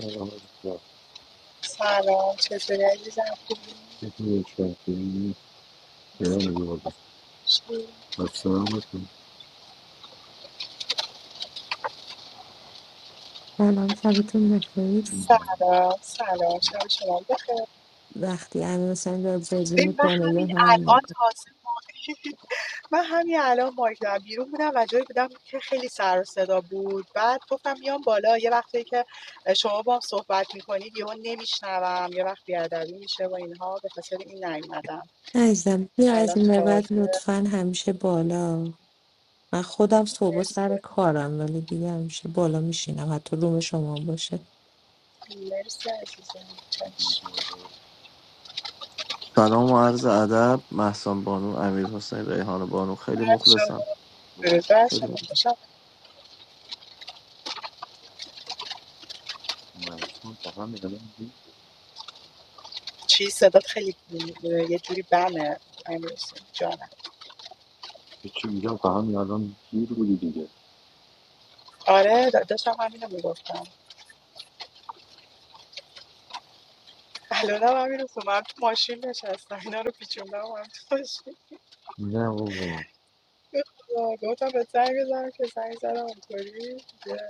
سلام عزیزم سلام چطوری عزیزم خوبی چطوری شهری؟ گرم مرسی. روابط خوشی. و سلامتون. سلام شبتون بخیر این مامان سلام سلام شب شما بخیر. وقتی امیر حسین را بازی ببین من میکنه یا همین هر الان موقع تازه من همین الان مایک دارم بیرون بودم و جایی بودم که خیلی سر و صدا بود بعد گفتم میام بالا یه وقتی که شما با هم صحبت میکنید یهو نمیشنوم یه وقت بیادبی میشه و اینها به خاطر این نیومدم عزیزم بیا از الان این به بعد تازه لطفا همیشه بالا من خودم صبح مرسی سر کارم ولی دیگه همیشه بالا میشینم حتی روم شما هم باشه مرسی عزیزم دیدی که چشم من دارم. سلام و عرض ادب محسن بانو امیر حسین ریحان بانو خیلی بر مخلصم شما درود بر قربونت خیلی برم. شما مخلصم. خوشم من اصلا تا همین الان گیر چی صدات خیلی یه جوری بمه امیرسون جانم بود. چی میگم تا همین الان گیر بودی دیگه آره دا- داشتم همینو میگفتم الانم همینو خب من تو ماشین نشستم اینا رو پیچوندم هم تو ماشین نه بابا آه، گفتم به زنگ بزنم که زنگ زدم اونطوری دیگه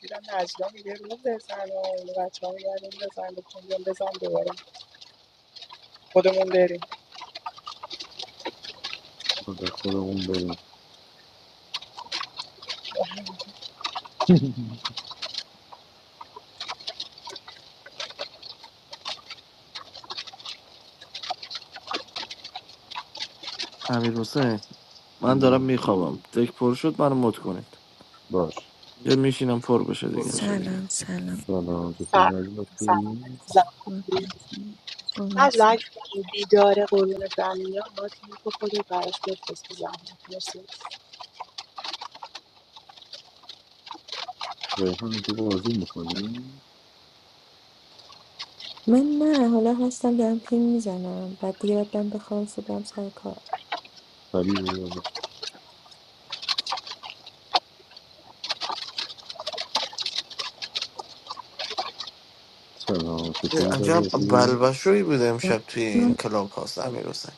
دیدم نجلا میگه روم بزن و بچه ها میگن روم بزن بکن بیام بزن دوباره خودمون بریم خود خودمون بریم امیر حسین من دارم نه میخوابم دک پر شد منو مت کنید باش یا میشینم پر بشه دیگه سلام سلام سلام سلام چطوری عزیزم سلام خوبی؟ زن مدتی نجلا محسن اگه شد بیداره قرون برمیان ما تیم که خودت براش بفرست بزن مرسی ریحان تو بازی میکنی؟ من نه حالا هستم دارم پین میزنم بعد دیگه باید برم بخوام صبح برم سر کار ولی بیا. سلام یه چطوری عجب بازی خوبی؟ بلبشویی بوده امشب توی این کلاب هاست امیر حسین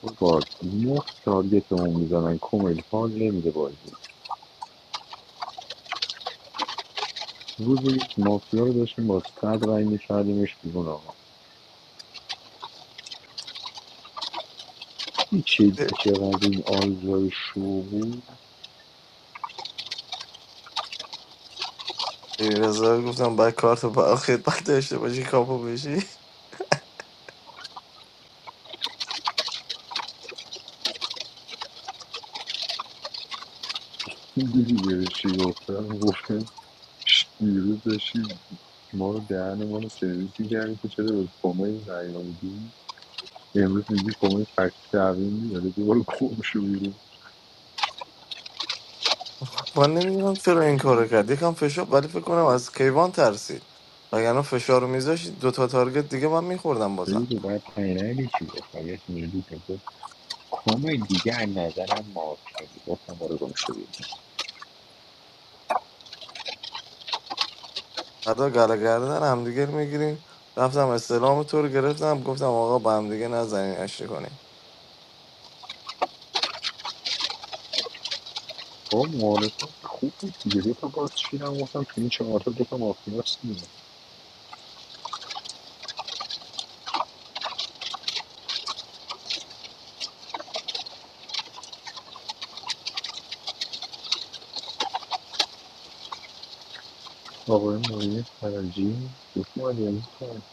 بابا نه تارگت اون میزنن کمیل حال نمیده بازی روز یک مافیا رو داشتیم با صد رای میکردیمش بیرون آقا چیدی چقدر این آیزای شو بود رضا گفتم باید کارت با خدمت داشته باشی کاپو بشی دیدی چی گفتم گفتم ش- دیروز داشتی ما رو دهن ما رو سرویس میکردی که چرا به کمای رای آمدی امروز میگی کمای فکت شعبی میداره دوباره کم شو بیرون من نمیدونم چرا این کارو کرد یکم فشار ولی فکر کنم از کیوان ترسید وگرنه فشار رو میذاشت دوتا تارگت دیگه من میخوردم بازم دیدی که باید پینه چی گفت یه چی میگی که گفت کمای دیگه از نظرم مافیا گفتم بارو گم شو فردا گله گردن همدیگه رو میگیریم رفتم استلام تو رو گرفتم گفتم آقا با همدیگه نزنین اشتی کنیم با معارفه خوب بود دیگه دو تا باکس چیدم گفتم تو این چهار تا دو تا مافیاس دیگه آقای معین فرجی خوش اومدی عزیزم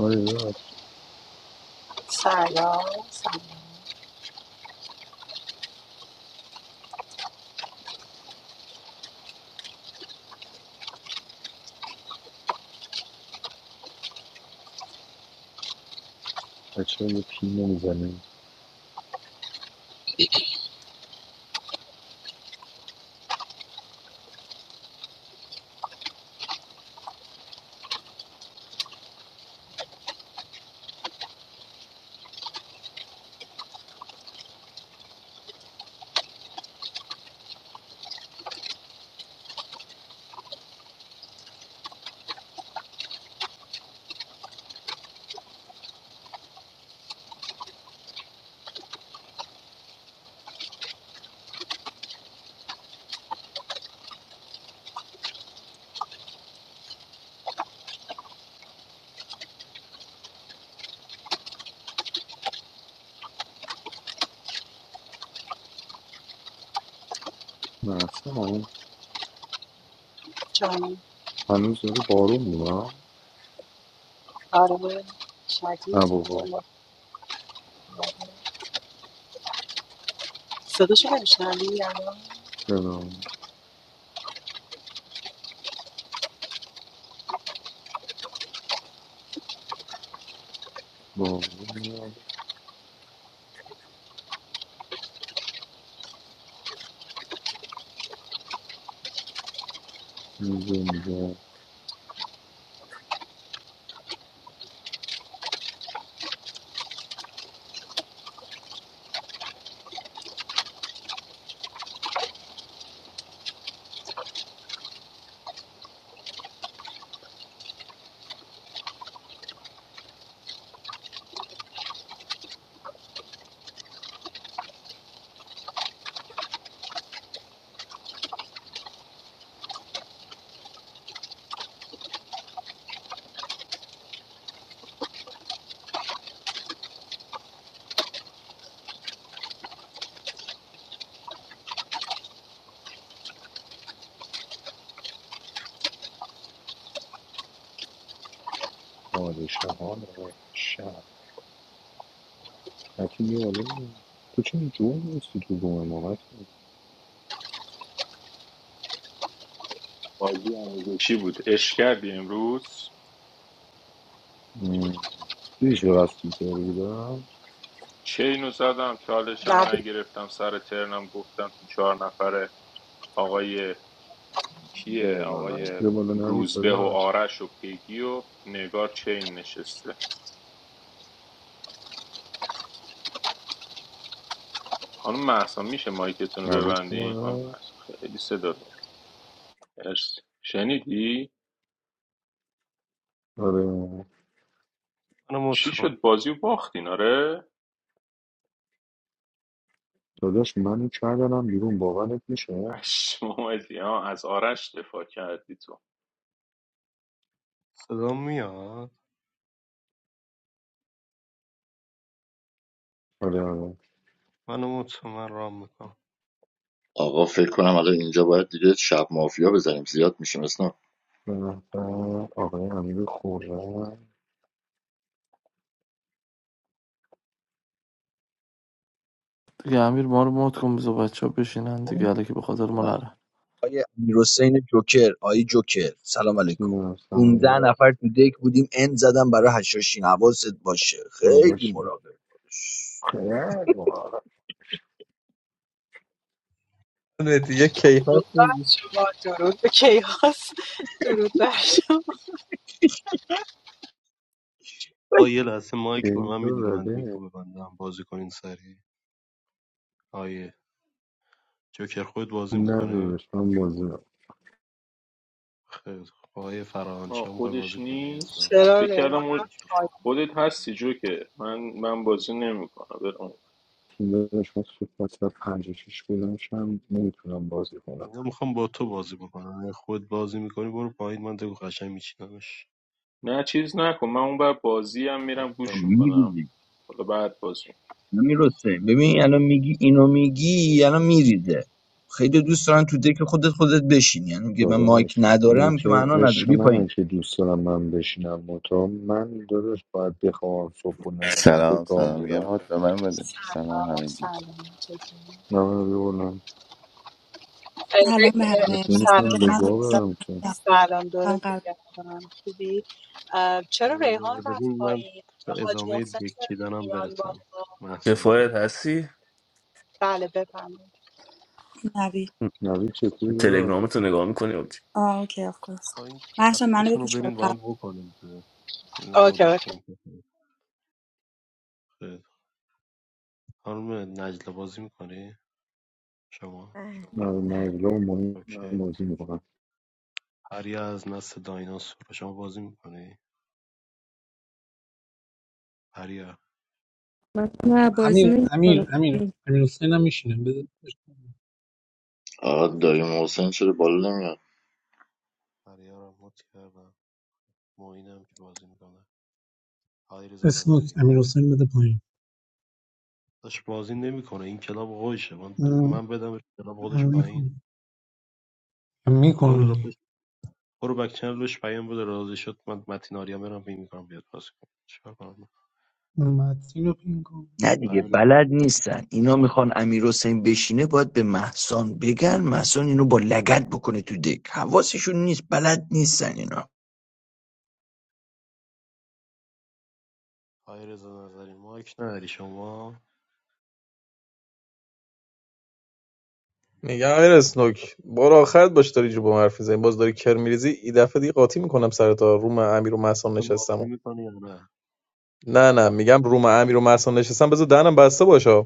آره داداش سلام سلام بچه یه پی نمیزنیم مثلا جان هنوز داره بارون میاد آره نه شدید بابا صداشو نمیشنوی الان چرا بارون میاد اینجا میگه پادشاهان شهر متی میواله تو چون جون نیستی تو بومه ما بازی آموزشی بود اش کردی امروز مم. تو هیچ وقت از فوتبال بودم چه اینو زدم چالشم نه به نگرفتم سر ترنم گفتم تو چهار نفره آقای No, کیه no, no. آقای یه بالا نوید روزبه و داداش آرش و پیگی و نگار چین نشسته خانم محسا میشه مایکتون رو نوید ببندین خانم چون محسا خیلی صدا میاد مرسی شنیدی آره منو مت چی کن شد بازی و باختین آره داداش منو کردنم بیرون باورت میشه پشمام ریخت. آه، از آرش دفاع کردی تو صدا میاد آره آره منو مت کن من رام میکنم آقا فکر کنم الان اینجا باید دیگه شب مافیا بزنیم زیاد میشیم اسنا به نظر آقای امیر خورم دیگه امیر ما رو مات کن بذار بچه ها بشینن دیگه حالا که به خاطر ما نرن آقای امیرحسین جوکر آقای جوکر سلام علیکم تیم 15 سلام نفر تو دک بودیم اند زدم برای هشاشین حواست باشه خیلی داداش مراقب باش خیلی باحال. دیگه یه کیهان درود بر شدی. شما درود به کیهاس درود بر شما آقا یه لحظه مایک به این من میدید دو من زده رو ببندم بازی کنین سریع آیه جوکر خود بازی نه میکنی داداش من بازی نم خیلی خب آقای آها، فرهانیشا میخوای خودش بازی کنی نیست عزیزم چرا فکر ریحان کردم مایک بزن. خالی خودت هستی جو که من من بازی نمیکنم برم تیم داداش من صبح ساعت پنج و شیش بودم شم نمیتونم بازی کنم اینا میخوام با تو بازی بکنم اگه خود بازی میکنی برو پایین من دکو قشنگ میچینمش نه چیز نکن من اون بر بازی هم خب میرم گوش پایین میکنم میریزی حالا بعد بازی نمیرسه ببین الان میگی اینو میگی الان میریزه خیلی دوست دارن تو دک خودت خودت بشین یعنی میگه من مایک داداش این ندارم که که معنا نداره عشق بی پایین منن که دوست دارم من بشینم متا من داداش باید بخوام صبح بلند بشم به گاه میرم سلام Assalamualaikum. سلام چطوری نه Hello, خیلی- اه، Behar. بس I'm سلام from نمیتونم Germany. لگا عزیزم. برم که I'm سلام from دورت Karlsruhe. I'm بگردم خوبی اه، چرا اگه ریحان اجازه رفت بدین من پایین به حاج ادامه محسن دک چرا چیدنم نمیان برسم بالا The محسن fire جان hasi بله بفرمایید from Germany. نوید چطوری داداش Telegram and I'm watching it. Oh, okay, of course. پایین I'm from Mannheim. اپاتون رو I'm from برین Karlsruhe. با هم بکنیم دیگه. اینو اوکی مودش اوکی کنیم خیلی خانم نجله بازی میکنی شما بله نوید بله نجلا و مهم اوکی بازی میکنم پریا از نسل دایناسور شما بازی میکنی پریا What's my boy's امیر name? امیر امیر امیر حسین هم میشینه بده آقا امیر دایی حسین محسن چرا بالا نمیاد پریا رو مت کردم معینم که بازی میکنه علیرضا اسم نظری امیر حسین بده پایین داش بازی نمیکنه این کلاب خودشه من من بدم کلاب خودش پایین برو را میکنونی پشت- برو بک چنلش پیام بده راضی شد من متین آریا میرم بیم میکنم بیاد بازی کنه چیکار کنم متین رو پین کن نه دیگه امیر بلد نیستن اینا میخوان امیر حسین بشینه باید به محسان بگن محسان اینو با لگت بکنه تو دک حواسشون نیست بلد نیستن اینا علیرضا نظری مایک نداری شما میگم امیر اسنوک بار آخرت باش داری جو با من حرف میزنی باز داری کر میریزی این دفعه دیگه قاطی میکنم سر تا روم امیر و محسن من نشستم بازی و. میکنی یا نه نه نه میگم روم امیر و محسن نشستم بذار دهنم بسته باشه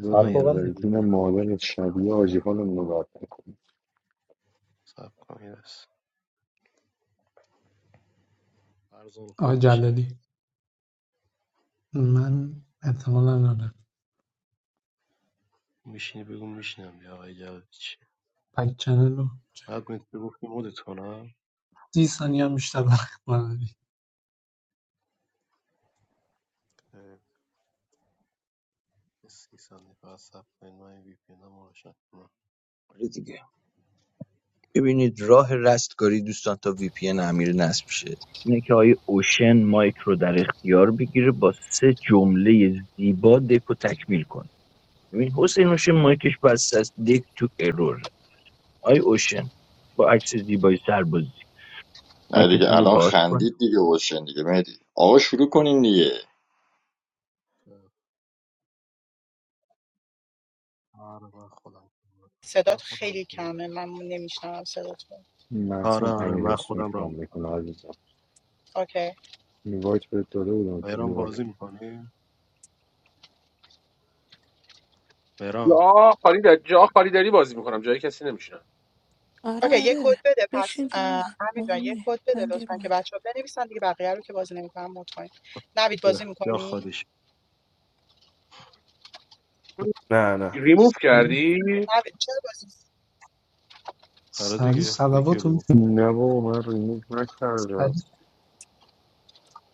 بذار رضا من یه لحظه نظری وی پی جون رو روشن مادرت کنم شبیه آجی بیپلنم حالمون رو برقرار باید میکنی سب کن یه لحظه فرزان آقا خود جلالی میشینی من احتمالا ندارم میشینی بگو میشینم یا آقای جوادی چی پک چنل رو بعد میتونی گفتی مودت کنم سی ثانیه هم بیشتر وقت نداری خیر. یه سی ثانیه فقط سب کنید من این وی پی انم رو روشن کنم آره دیگه ببینید راه رستگاری دوستان تا وی پی ان امیر نصب شه اینه که آقای اوشن مایک رو در اختیار بگیره با سه جمله زیبا دک رو تکمیل کن ببین حسین اوشن مایکش بسته است دک تو ارور آقای اوشن با عکس زیبای سربازی نه دیگه مایکتون رو الان باز کن خندید دیگه اوشن دیگه مهدی آقا شروع کنین دیگه خیر. آره من خودم کنم. من صدات خودم خیلی کنم. کمه من نمیشنوم صدات رو آره محسن آره امیر من اسمی خودم رام شام میکنم میکنه عزیزم اوکی میوایت بهت داده بودم که مهران بیواری بازی میکنی مهران یا خالی داری جا خالی داری بازی میکنم جای کسی نمیشینم آره اوکی یه آره کد بده پس بشین اه، جمعه امیر جان یه مهمه کد بده من دیر لطفا که اومدم بچه ها بنویسن دیگه بقیه رو که بازی نمیکنن مطمئن کنید نوید بازی یا یا می‌کنی خودش No, no. ریموف کردی نوید چرا بازی می‌کنی؟ آره سریع دیگه یکی رو سلوات رو ریموو کرد. نه بابا من ریموت نکردم سریع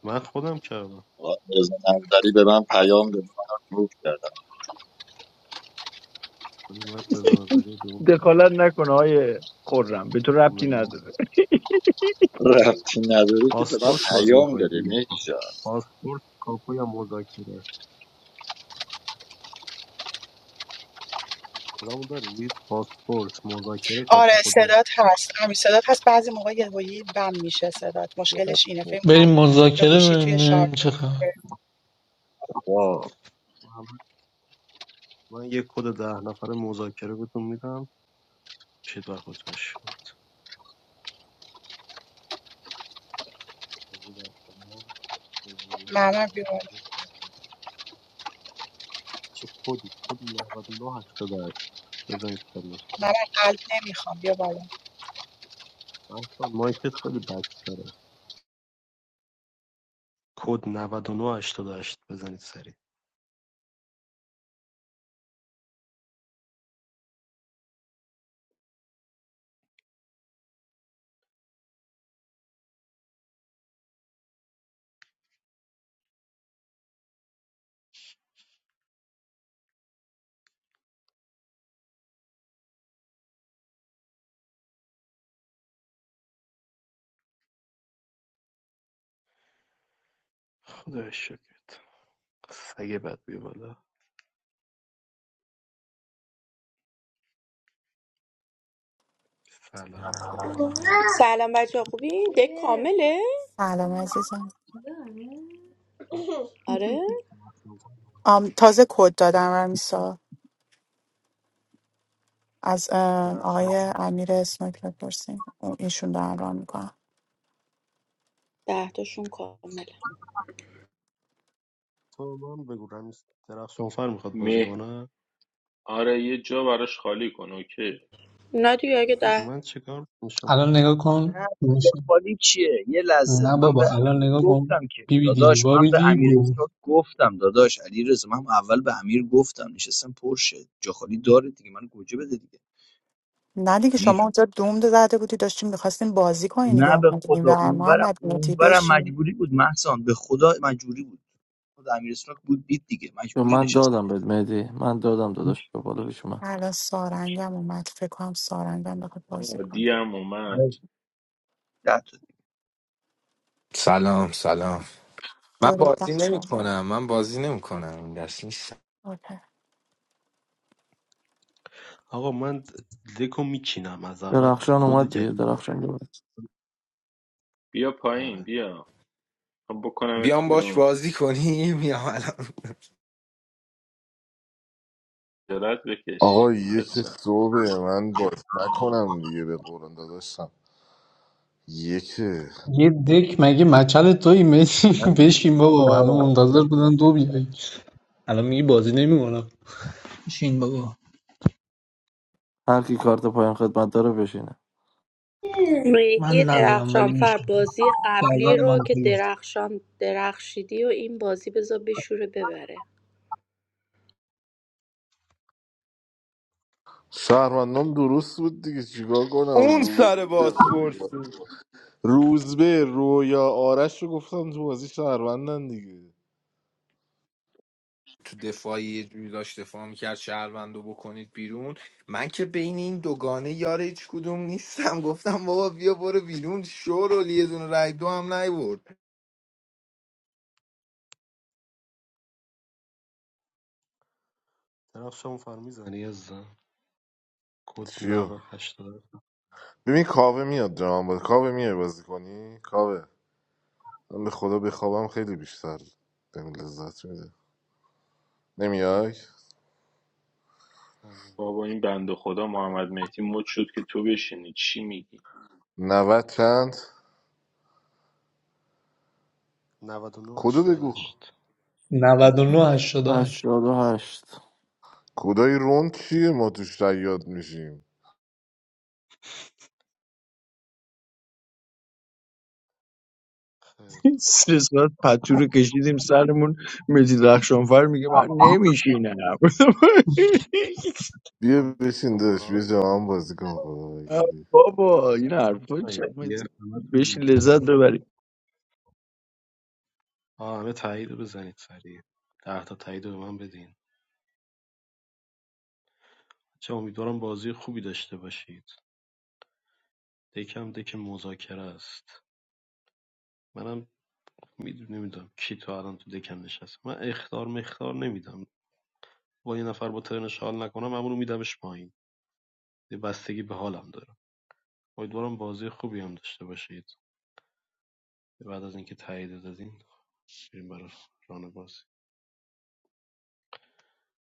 من خودم کردم آقا رضا نظری به من پیام داده من روک کردم ولی من رضا نظری رو ریموو کردم. دخالت نکن های خورم به تو ربطی نداره ربطی نداره که به من پاسپورت بازی پیام میکنید داده دیگه مهدی جان پاسپورت کاپو یا مذاکره کدومو دارید باسپورس مذاکره کاپو آره کدوم صدات هست امیر صدات هست بعضی موقع یهویی بم میشه صدات What- مشکلش اینه فکر what- بریم کنم یا مذاکره گوشی بریم توی شارژ ببینیم چه خبر what? من من یه کد ده نفره مذاکره بهتون میدم شید بر خودتون شد ممر بیا چه کدی کد 9988 بزنید سریع ممر قلب نمیخوام بیا بالا اصلا مایکت خیلی بک داره کد 9988 بزنید سریع خدا شکرت سگه بد بیا بالا سلام سگ سلام بچه خوبی؟ دک کامله؟ سلام عزیزم آره آم بازی تازه کنم کد دادم رمیسا از ام، درخشان آقای امیر اسمک بپرسیم اون- ایشون دارن ران میکنن ده دهتاشون کامله تو من بگو رمیز درخشان فر میخواد بازی مه کنه آره یه جا براش خالی کن اوکی نادی اگه ده من چیکار میشم الان نگاه کن نه میشه خالی چیه یه لحظه نه من به بابا الان امیر نگاه گفتم کن که بی بی دی داداش من بابی به امیر دی اسنوک گفتم داداش علی رضا، من اول به امیر گفتم نشستم پرشه جا خالی داره دیگه من گوجه بده دیگه نه دیگه امیر شما اونجا دوم زده بودی داشتیم میخواستیم بازی کنیم دیگه نه به اومدیم خدا و اونورم محمد موتی اونورم بشین مجبوری بود محسان به خدا مجبوری بود خدا امیر اسنوک بود دید دیگه یا مجبوری من نشست بود دادم بهت مهدی من دادم گوش داداش به بالا پیش من الان سارنگم اومد فکر کنم سارنگم بخواد بازی کنه عادی هم اومد خرید. ده تا دیگه. سلام سلام من درود بر بازی نمی شما. کنم من بازی نمی کنم این دست نیستم اوکی آقا من دکو میچینم از اول درخشان کد اومد دیگه جدید درخشان اومد بیا پایین آره بیا من بکنمت بیام باش بیرون بازی کنیم یا الان درد بکش آقا یک بچم صبح من باز نکنم دیگه به قرآن داداشم یک یه دک مگه مچل توی مسی همین دوست بشین بابا همه می‌دارم. منتظر بودن دو بیای الان میگی بازی نمیکنم میشین بابا هر کی کارت پایان خدمت داره بشینه ریدی من ندارم ولی درخشانفر میشین بازی قبلی گردنم رو هم که کلوف درخشان درخشیدی و این بازی بذار بشوره ببره شهروندام درست بود دیگه چیکار کنم اون سر روزبه باسپورس رویا روزبه رویا آرش رو گفتم تو بازی شهروندن دیگه تو دفاعی یه جوری داشت دفاع میکرد شهروند رو بکنید بیرون من که بین این دوگانه یار هیچ کدوم نیستم گفتم بابا بیا برو بیرون شور یه دونه رای دو هم نیورد درخشان فر میزنی از کد چیو 9088 ببین کاوه میاد جوان بود کاوه میای بازی کنی کاوه من به خدا بخوابم خیلی بیشتر بهم لذت میده نمیای نه، نه. بابا این بند خدا محمد مهدی مد شد که تو بشینی چی میگی نوت چند کدو بگو 9988 99 88 هشتاد و هشت کدای رون چیه ما توش شیاد میشیم خیلی سه ساعت پتو رو کشیدیم سرمون متی درخشانفر میگه من نمیشینم بیا خوب. بشین داشت بیا شماراتون جوان بازی کن خدا آه، وکیلی بابا این حرفا تایید. چه یه بهش همتون لذت ببریم آه همه تایید رو بزنید سریع ده تا تایید رو به من بدین چه امیدوارم بازی خوبی داشته باشید دکم دک مذاکره است منم میدونم نمیدونم کی تا الان تو دکم نشست من اختار مختار نمیدم با یه نفر با ترنش حال نکنم همونو میدمش پایین یه بستگی به حالم داره امیدوارم بازی خوبی هم داشته باشید بعد از اینکه تایید دادین بریم برای ران بازی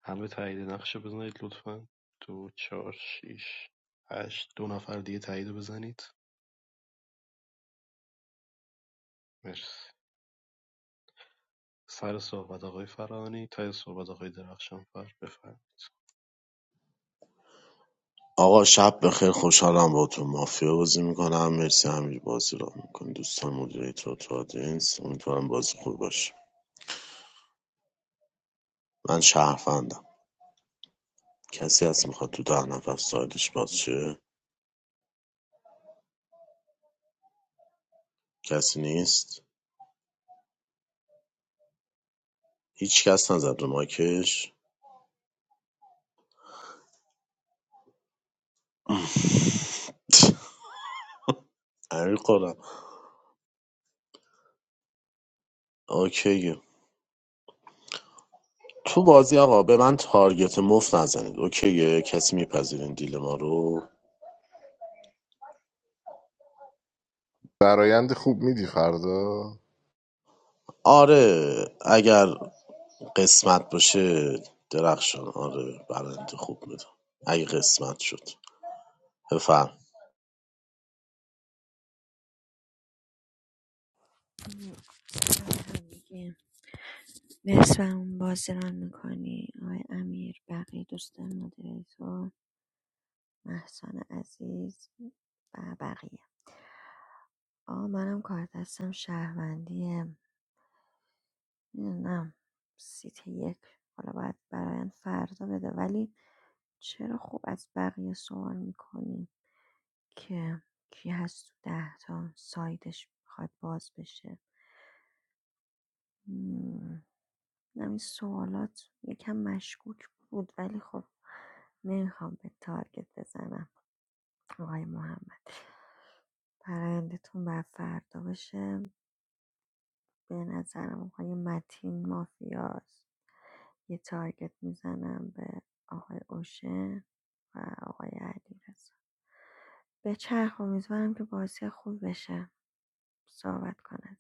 همه تایید نقشه بزنید لطفا دو چهار شیش هشت دو نفر دیگه تایید رو بزنید مرسی سر صحبت آقای فرانی تای صحبت آقای درخشان فر بفرمایید آقا شب بخیر خوشحالم با تو مافیا بازی میکنم مرسی امیر بازی را میکنی دوستان مدیریتور تو آدینس امیدوارم بازی خوب باشه من شهروندم کسی هست میخواد تو ده نفر سایدش باز شه کسی نیست هیچ کس نزد رو ماکش امیر قرم اوکیه تو بازی آقا به من تارگت مفت نزنید اوکیه کسی میپذیرین دیل ما رو برایند خوب میدی فردا آره اگر قسمت باشه درخشان آره برنده خوب میدم اگه قسمت شد بفهم همگی. مرسی برامون بازیران میکنی آقای امیر بقیه دوستان مدیریتور محسن عزیز و بقیه آه منم کار دستم شهروندی میدونم سیت یک حالا باید برایند فردا بده ولی چرا خوب از بقیه سوال میکنیم که کی هست تو ده تا سایدش میخواد باز بشه مم. نم این سوالات یکم مشکوک بود ولی خب نمیخوام به تارگت بزنم آقای محمد برایندتون بر فردا بشه به نظرم آقای متین مافیاست یه تارگت میزنم به آقای اوشن و آقای علیرضا به چرخ امیدوارم که بازی خوب بشه صحبت کنه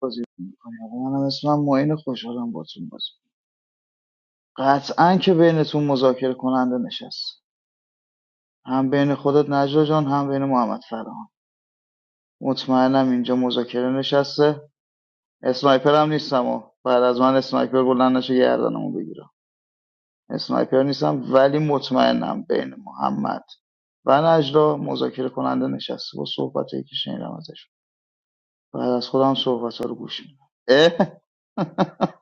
بازی میکنم منم اسمم معین خوشحالم باتون بازی می‌کنم. قطعا که بینتون مذاکره کننده نشست هم بین خودت نجلا جان هم بین محمد فرهان مطمئنم اینجا مذاکره نشسته اسنایپر هم نیستم و بعد از من اسنایپر بلند نشه گردنمو بگیرم اسنایپر نیستم ولی مطمئنم بین محمد و نجلا مذاکره کننده نشسته با صحبتایی که شنیدم ازش بعد از خودم صحبت ها رو گوش میدم اه؟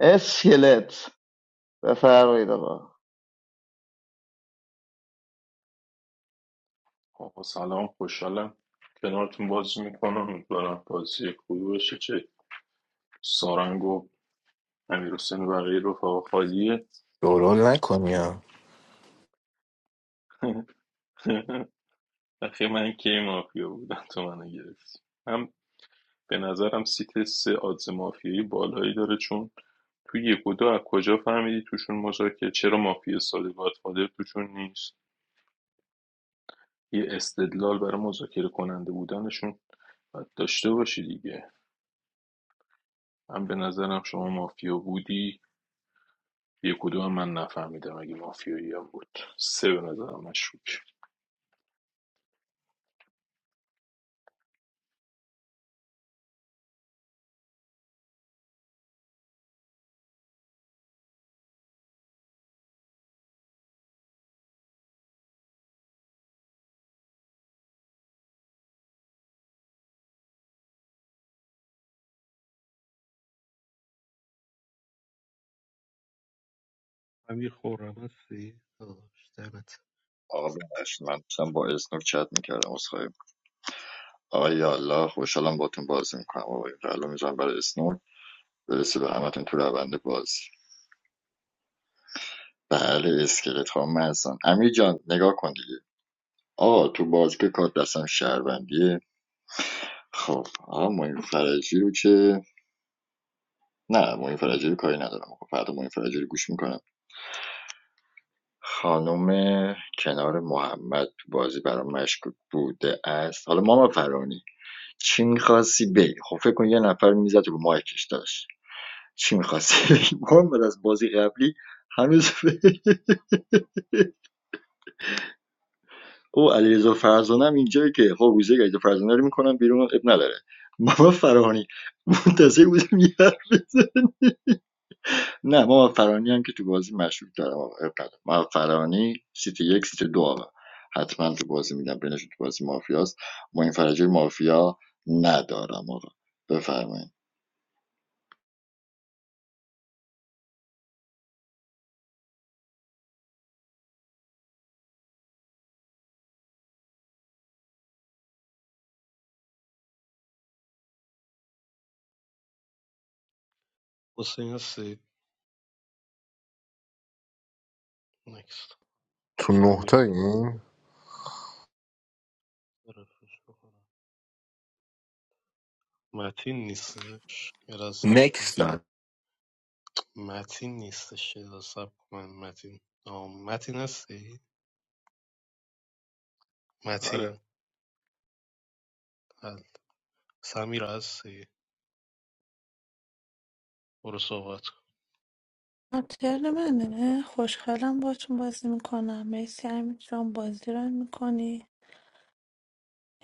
اسکلت بفرمایید آقا آقا سلام خوشحالم کنارتون بازی میکنم امیدوارم بازی خوبی باشه چه سارنگ و امیر حسین و بقیه رفقا خالیه شورول نکنیا اخی من کی مافیا بودم تو منو گرفتی هم به نظرم سیت سه آدز مافیایی بالایی داره چون تو یک و دو از کجا فهمیدی توشون مذاکره چرا مافیا ساده گادفادر توشون نیست یه استدلال برای مذاکره کننده بودنشون باید داشته باشی دیگه هم به نظرم شما مافیا بودی یک و دو هم من نفهمیدم اگه مافیایی هم بود سه به نظرم مشکوک امیر خورم هستی؟ داداش، دمت آقا ببخشید من داشتم با اسنوک چت میکردم عذرخواهی می‌کنم. آقا یا الله خوشحالم باتون بازی میکنم آقا این قلب میزنم برای اسنوک برسه به همتون تو رونده بازی بله اسکلت ها محسن امیر جان نگاه کن دیگه آقا تو بازی کار دستم شهروندیه خب آقا معین فرجی رو که نه معین فرجی رو کاری ندارم خب فردا معین فرجی رو گوش میکنم خانم کنار محمد تو بازی برام مشکوک بوده است حالا ماما فرانی چی میخواستی بگی خب فکر کن یه نفر میزد رو مایکش داشت چی میخواستی بگی؟ محمد از بازی قبلی هنوز او علیرضا فرزانه هم اینجایی که خب روزه که علیرضا فرزانه رو میکنم بیرون اب نداره محمد فرانی منتظر بودم یه حرف بزنه. نه محمد فرانی هم که تو بازی مشروب دارم آقا، اب نداره محمد فرانی سیتی یک سیتی دو آقا حتما تو بازی میدم بینشون تو بازی مافیاست ما این فرجه مافیا ندارم آقا بفرمایید حسین هستی نکست تو نه تا سمیرا این رفیقش بکنم متین نیستش یه لحظه صبر کن. نکس متین نیستش یه لحظه صبر کن من متین آه، متین هستی آره متین بله. سمیرا هستی برو صحبت کن آه، ترن منه خوشحالم باتون بازی میکنم مرسی همین جان بازی رو میکنی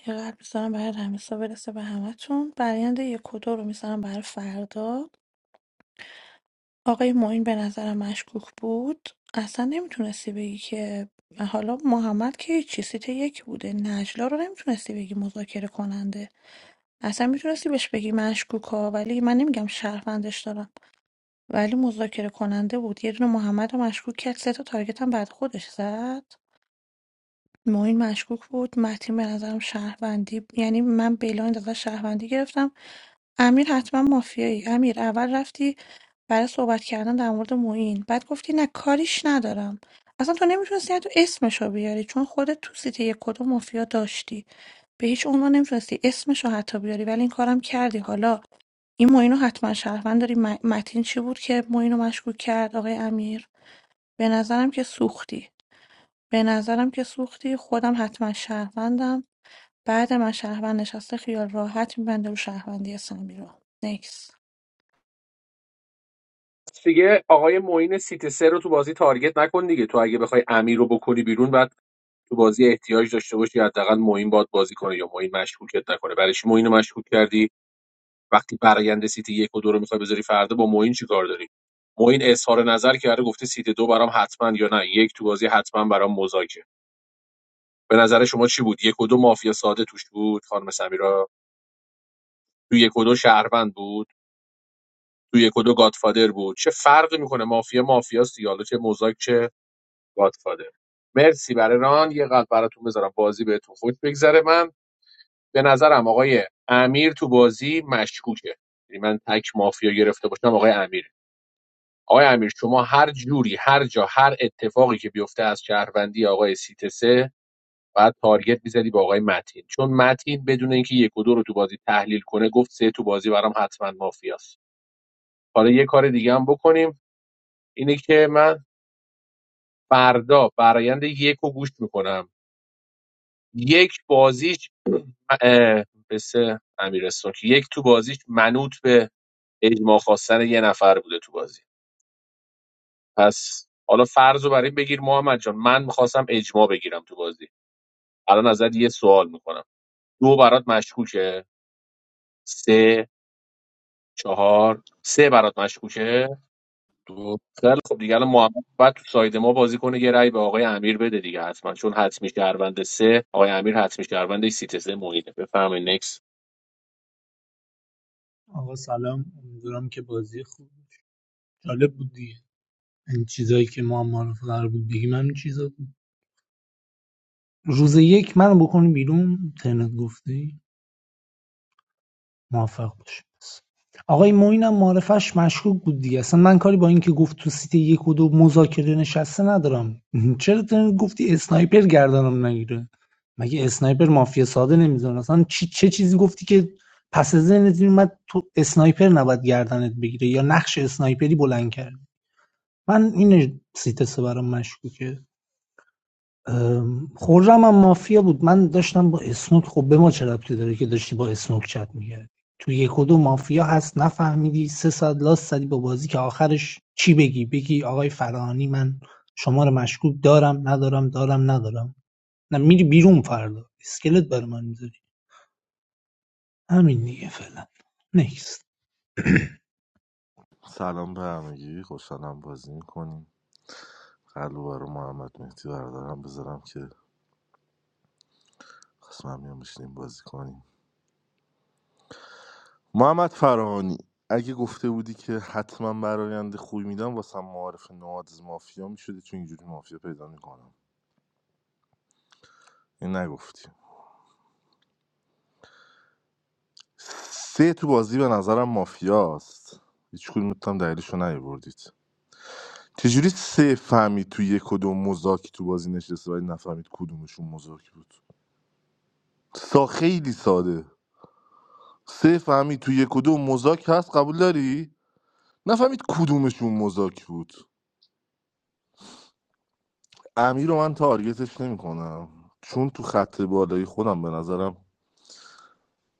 یه قلب میزنم برای رمیسا برسه به همتون برایند یک و دو رو میزنم برای فردا آقای معین به نظرم مشکوک بود اصلا نمیتونستی بگی که حالا محمد که هیچی سیت یک بوده نجلا رو نمیتونستی بگی مذاکره کننده اصلا میتونستی بهش بگی مشکوک ها ولی من نمیگم شهروندش دارم ولی مذاکره کننده بود یه دونه محمدو مشکوک کرد سه تا تارگت هم بعد خودش زد معین مشکوک بود متین به نظرم شهروندی یعنی من بلایند ازش شهروندی گرفتم امیر حتما مافیایی امیر اول رفتی برای صحبت کردن در مورد معین بعد گفتی نه کاریش ندارم اصلا تو نمیتونستی حتی اسمش رو بیاری چون خودت تو سیت یک کدوم مافیا داشتی به هیچ عنوان نمیتونستی اسمش رو حتی بیاری ولی این کارم کردی حالا این معین رو حتما شهروند داری م- متین چی بود که معین رو مشکوک کرد آقای امیر به نظرم که سوختی به نظرم که سوختی خودم حتما شهروندم بعد من شهروند نشسته خیال راحت میبنده رو شهروندی سمی رو نکس پس دیگه آقای معین سیت سه رو تو بازی تارگت نکن دیگه تو اگه بخوای امیر رو بکنی بیرون بعد تو بازی احتیاج داشته باشی حداقل معین باد بازی کنه یا معین مشکوکت نکنه برای چی معین رو مشکوک کردی وقتی برآیند سیت یک و دو رو میخوای بذاری فردا با معین چی کار داری معین اظهار نظر کرده گفته سیت دو برام حتما یا نه یک تو بازی حتما برام مذاکره به نظر شما چی بود یک و دو مافیا ساده توش بود خانم سمیرا تو یک و دو شهروند بود تو یک و دو گادفادر بود چه فرقی میکنه مافیا مافیاست دیگه حالا چه موزاک چه گادفادر مرسی برای ران یه قلب براتون بذارم بازی بهتون خوش بگذره من به نظرم آقای امیر تو بازی مشکوکه یعنی من تک مافیا گرفته باشم آقای امیر آقای امیر شما هر جوری هر جا هر اتفاقی که بیفته از شهروندی آقای سیتسه بعد تارگت میزدی با آقای متین چون متین بدون اینکه یک و دو رو تو بازی تحلیل کنه گفت سه تو بازی برام حتما مافیاست حالا یه کار دیگه هم بکنیم اینه که من فردا برایند یک رو گوش میکنم یک بازیش اه، مثل امیرستون که یک تو بازیش منوط به اجماع خواستن یه نفر بوده تو بازی پس حالا فرض رو برای این بگیر محمد جان من میخواستم اجماع بگیرم تو بازی الان ازت یه سوال میکنم دو برات مشکوکه سه چهار سه برات مشکوکه دو خیلی خب دیگه الان محمد بعد تو ساید ما بازی کنه یه رأی به آقای امیر بده دیگه حتما چون حتمی شهروند سه آقای امیر حتمی شهروند سیت سه محیطه بفرمایید نکس آقا سلام امیدوارم که بازی خوب جالب بود دیگه این چیزایی که ما هم معرفه قرار بود بگیم همین چیزا بود روز یک من بکنی بیرون ترنت گفته. موفق باشیم آقای معین هم معرفش مشکوک بود دیگه اصلا من کاری با اینکه گفت تو سیت یک و دو مذاکره نشسته ندارم چرا تو گفتی اسنایپر گردنم نگیره مگه اسنایپر مافیا ساده نمیزنه اصلا چی چه چیزی گفتی که پس از ذهنت میومد تو اسنایپر نباید گردنت بگیره یا نقش اسنایپری بلند کرد من این سیت سه برام مشکوکه خورم هم مافیا بود من داشتم با اسنوک خب به ما چه ربطی داره که داشتی با اسنوک چت میگردی تو یک و دو مافیا هست نفهمیدی سه ساعت لاست زدی با بازی که آخرش چی بگی بگی آقای فرانی من شما رو مشکوک دارم ندارم دارم ندارم نه میری بیرون فردا اسکلت بر من میذاری همین دیگه فعلا نیست سلام به همگی خوشحالم بازی میکنیم قلب برای محمد مهدی بردارم بذارم که قسمم میام بشینیم بازی کنیم محمد فرهانی اگه گفته بودی که حتما براینده خوبی میدم واسم معارف نوادز مافیا میشدی چون اینجوری مافیا پیدا میکنم این نگفتی سه تو بازی به نظرم مافیاست هیچ کدومتون هم دلیلشو نیاوردید چجوری سه فهمید تو یک کدوم مزاکی تو بازی نشسته ولی نفهمید کدومشون مزاکی بود سا خیلی ساده سه فهمید تو یک کدوم مزاک هست قبول داری نفهمید کدومشون مزاکی بود امیر رو من تارگتش نمیکنم چون تو خط بالایی خودم به نظرم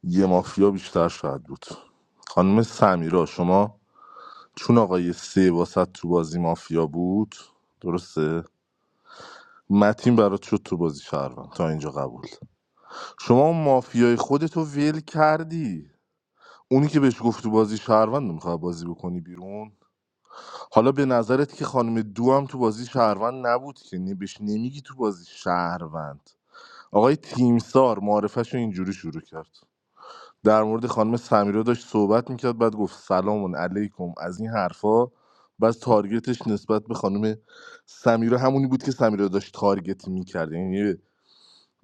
یه مافیا بیشتر شاید بود خانم سمیرا شما چون آقای سه واسط تو بازی مافیا بود درسته متین برات شد تو بازی شهروند تا اینجا قبول شما اون مافیای خودتو ول کردی اونی که بهش گفت تو بازی شهروند میخواد بازی بکنی بیرون حالا به نظرت که خانم دو هم تو بازی شهروند نبود که نه- بهش نمیگی تو بازی شهروند آقای تیمسار معرفش رو اینجوری شروع کرد در مورد خانم سمیرا داشت صحبت میکرد بعد گفت سلام علیکم از این حرفا بعد تارگتش نسبت به خانم سمیرا همونی بود که سمیرا داشت تارگت میکرد یعنی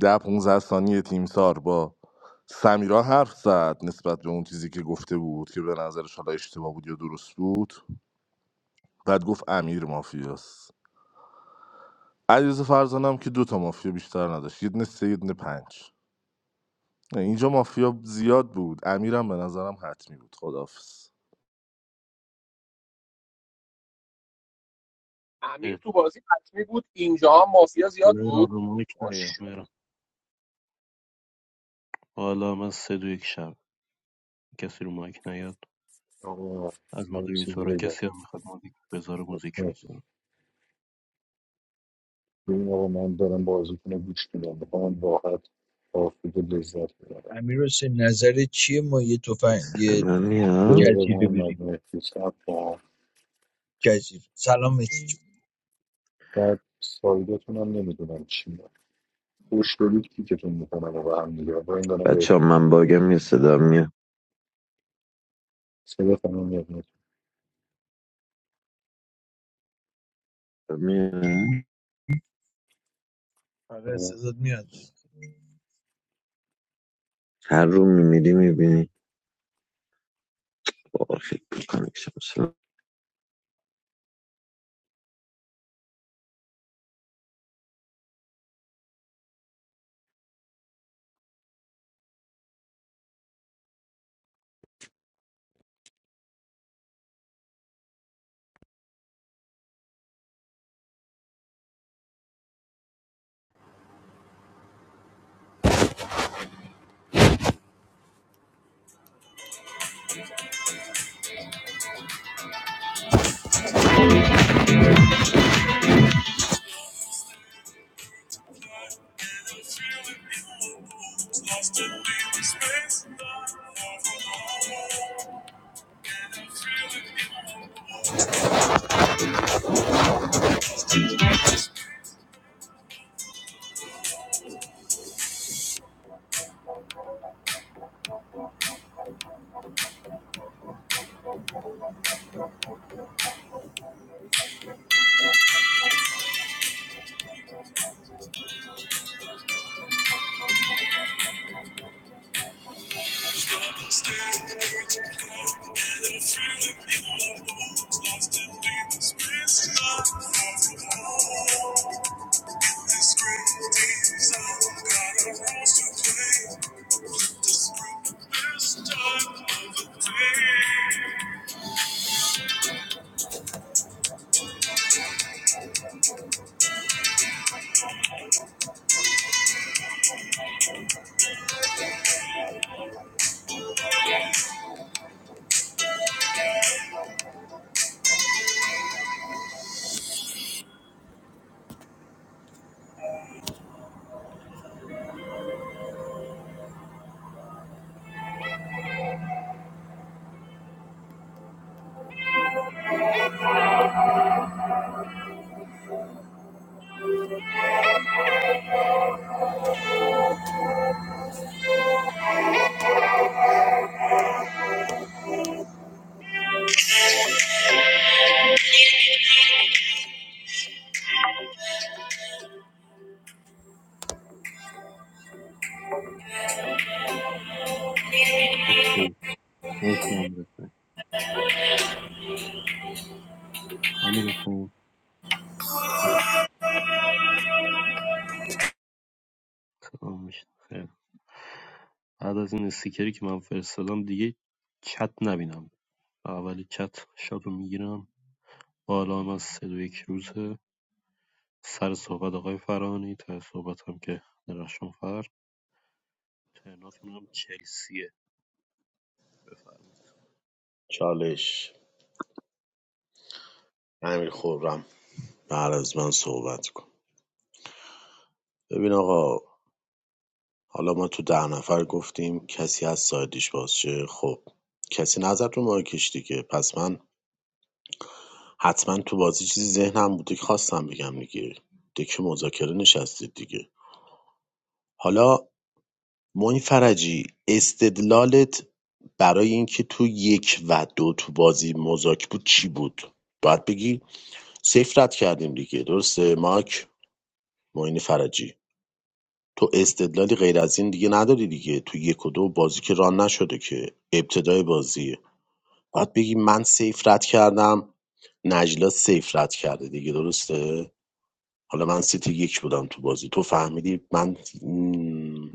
ده 15 ثانیه تیمسار با سمیرا حرف زد نسبت به اون چیزی که گفته بود که به نظرش حالا اشتباه بود یا درست بود بعد گفت امیر مافیاست علیرضا فرزانم که دوتا مافیا بیشتر نداشت یه دونه سه یه دونه پنج نه، اینجا مافیا زیاد بود امیرم به نظرم حتمی بود خداحافظ خیلی امیر تو بازی حتمی بود اینجا هم مافیا زیاد مهران بود رو مایک نیا ماشاءالله. مهران حالا من سه دو یک شب کسی رو مایک نیاد آقا از من یه چیزی مدیریتورا بگم کسی هم میخواد موزیک بذاره موزیک اسمی بذاره ببین آقا من دارم بازی کنه گوش میدم میخوام راحت آفید و لذت ببرم امیر حسین نظر چیه ما یه تفنگ یه من یه میاد دقیقه جزیره من بریم مدنیتی سب جزیره سلام مهدی جون بعد سایدتون هم نمیدونم چی خوش دارید کیکتون میکنم و به هم دیگه با این دارم بچه ها، بهتون من میگم باگم یه صدا میاد صدا تمام میاد میاد. میاد؟ آره صدات میاد هر رو میمیری میبینی با خیلی کانکشن مرسی. مرسی امیر حسین امیر حسین، تمام شد. خیلی. بعد از این استیکری که من فرستادم دیگه چت نبینم اول چتر شاتو میگیرم با الان از سه دو یک روزه سر صحبت آقای فرانی ته صحبت هم که درخشان فر تهناتون هم چلسیه بفرمایید چالش امیر خورم بعد از من صحبت کن ببین آقا حالا ما تو ده نفر گفتیم کسی از سایدش بازشه خب کسی نظر رو مارکش دیگه پس من حتما تو بازی چیزی ذهنم بوده که خواستم بگم دیگه دیگه مذاکره نشستید دیگه حالا موین فرجی استدلالت برای اینکه تو یک و دو تو بازی مزاک بود چی بود باید بگی صفر رد کردیم دیگه درسته ماک موین فرجی تو استدلالی غیر از این دیگه نداری دیگه تو یک و دو بازی که ران نشده که ابتدای بازی باید بگی من صفر رد کردم نجلا سیف رد کرده دیگه درسته حالا من سیتی یک بودم تو بازی تو فهمیدی من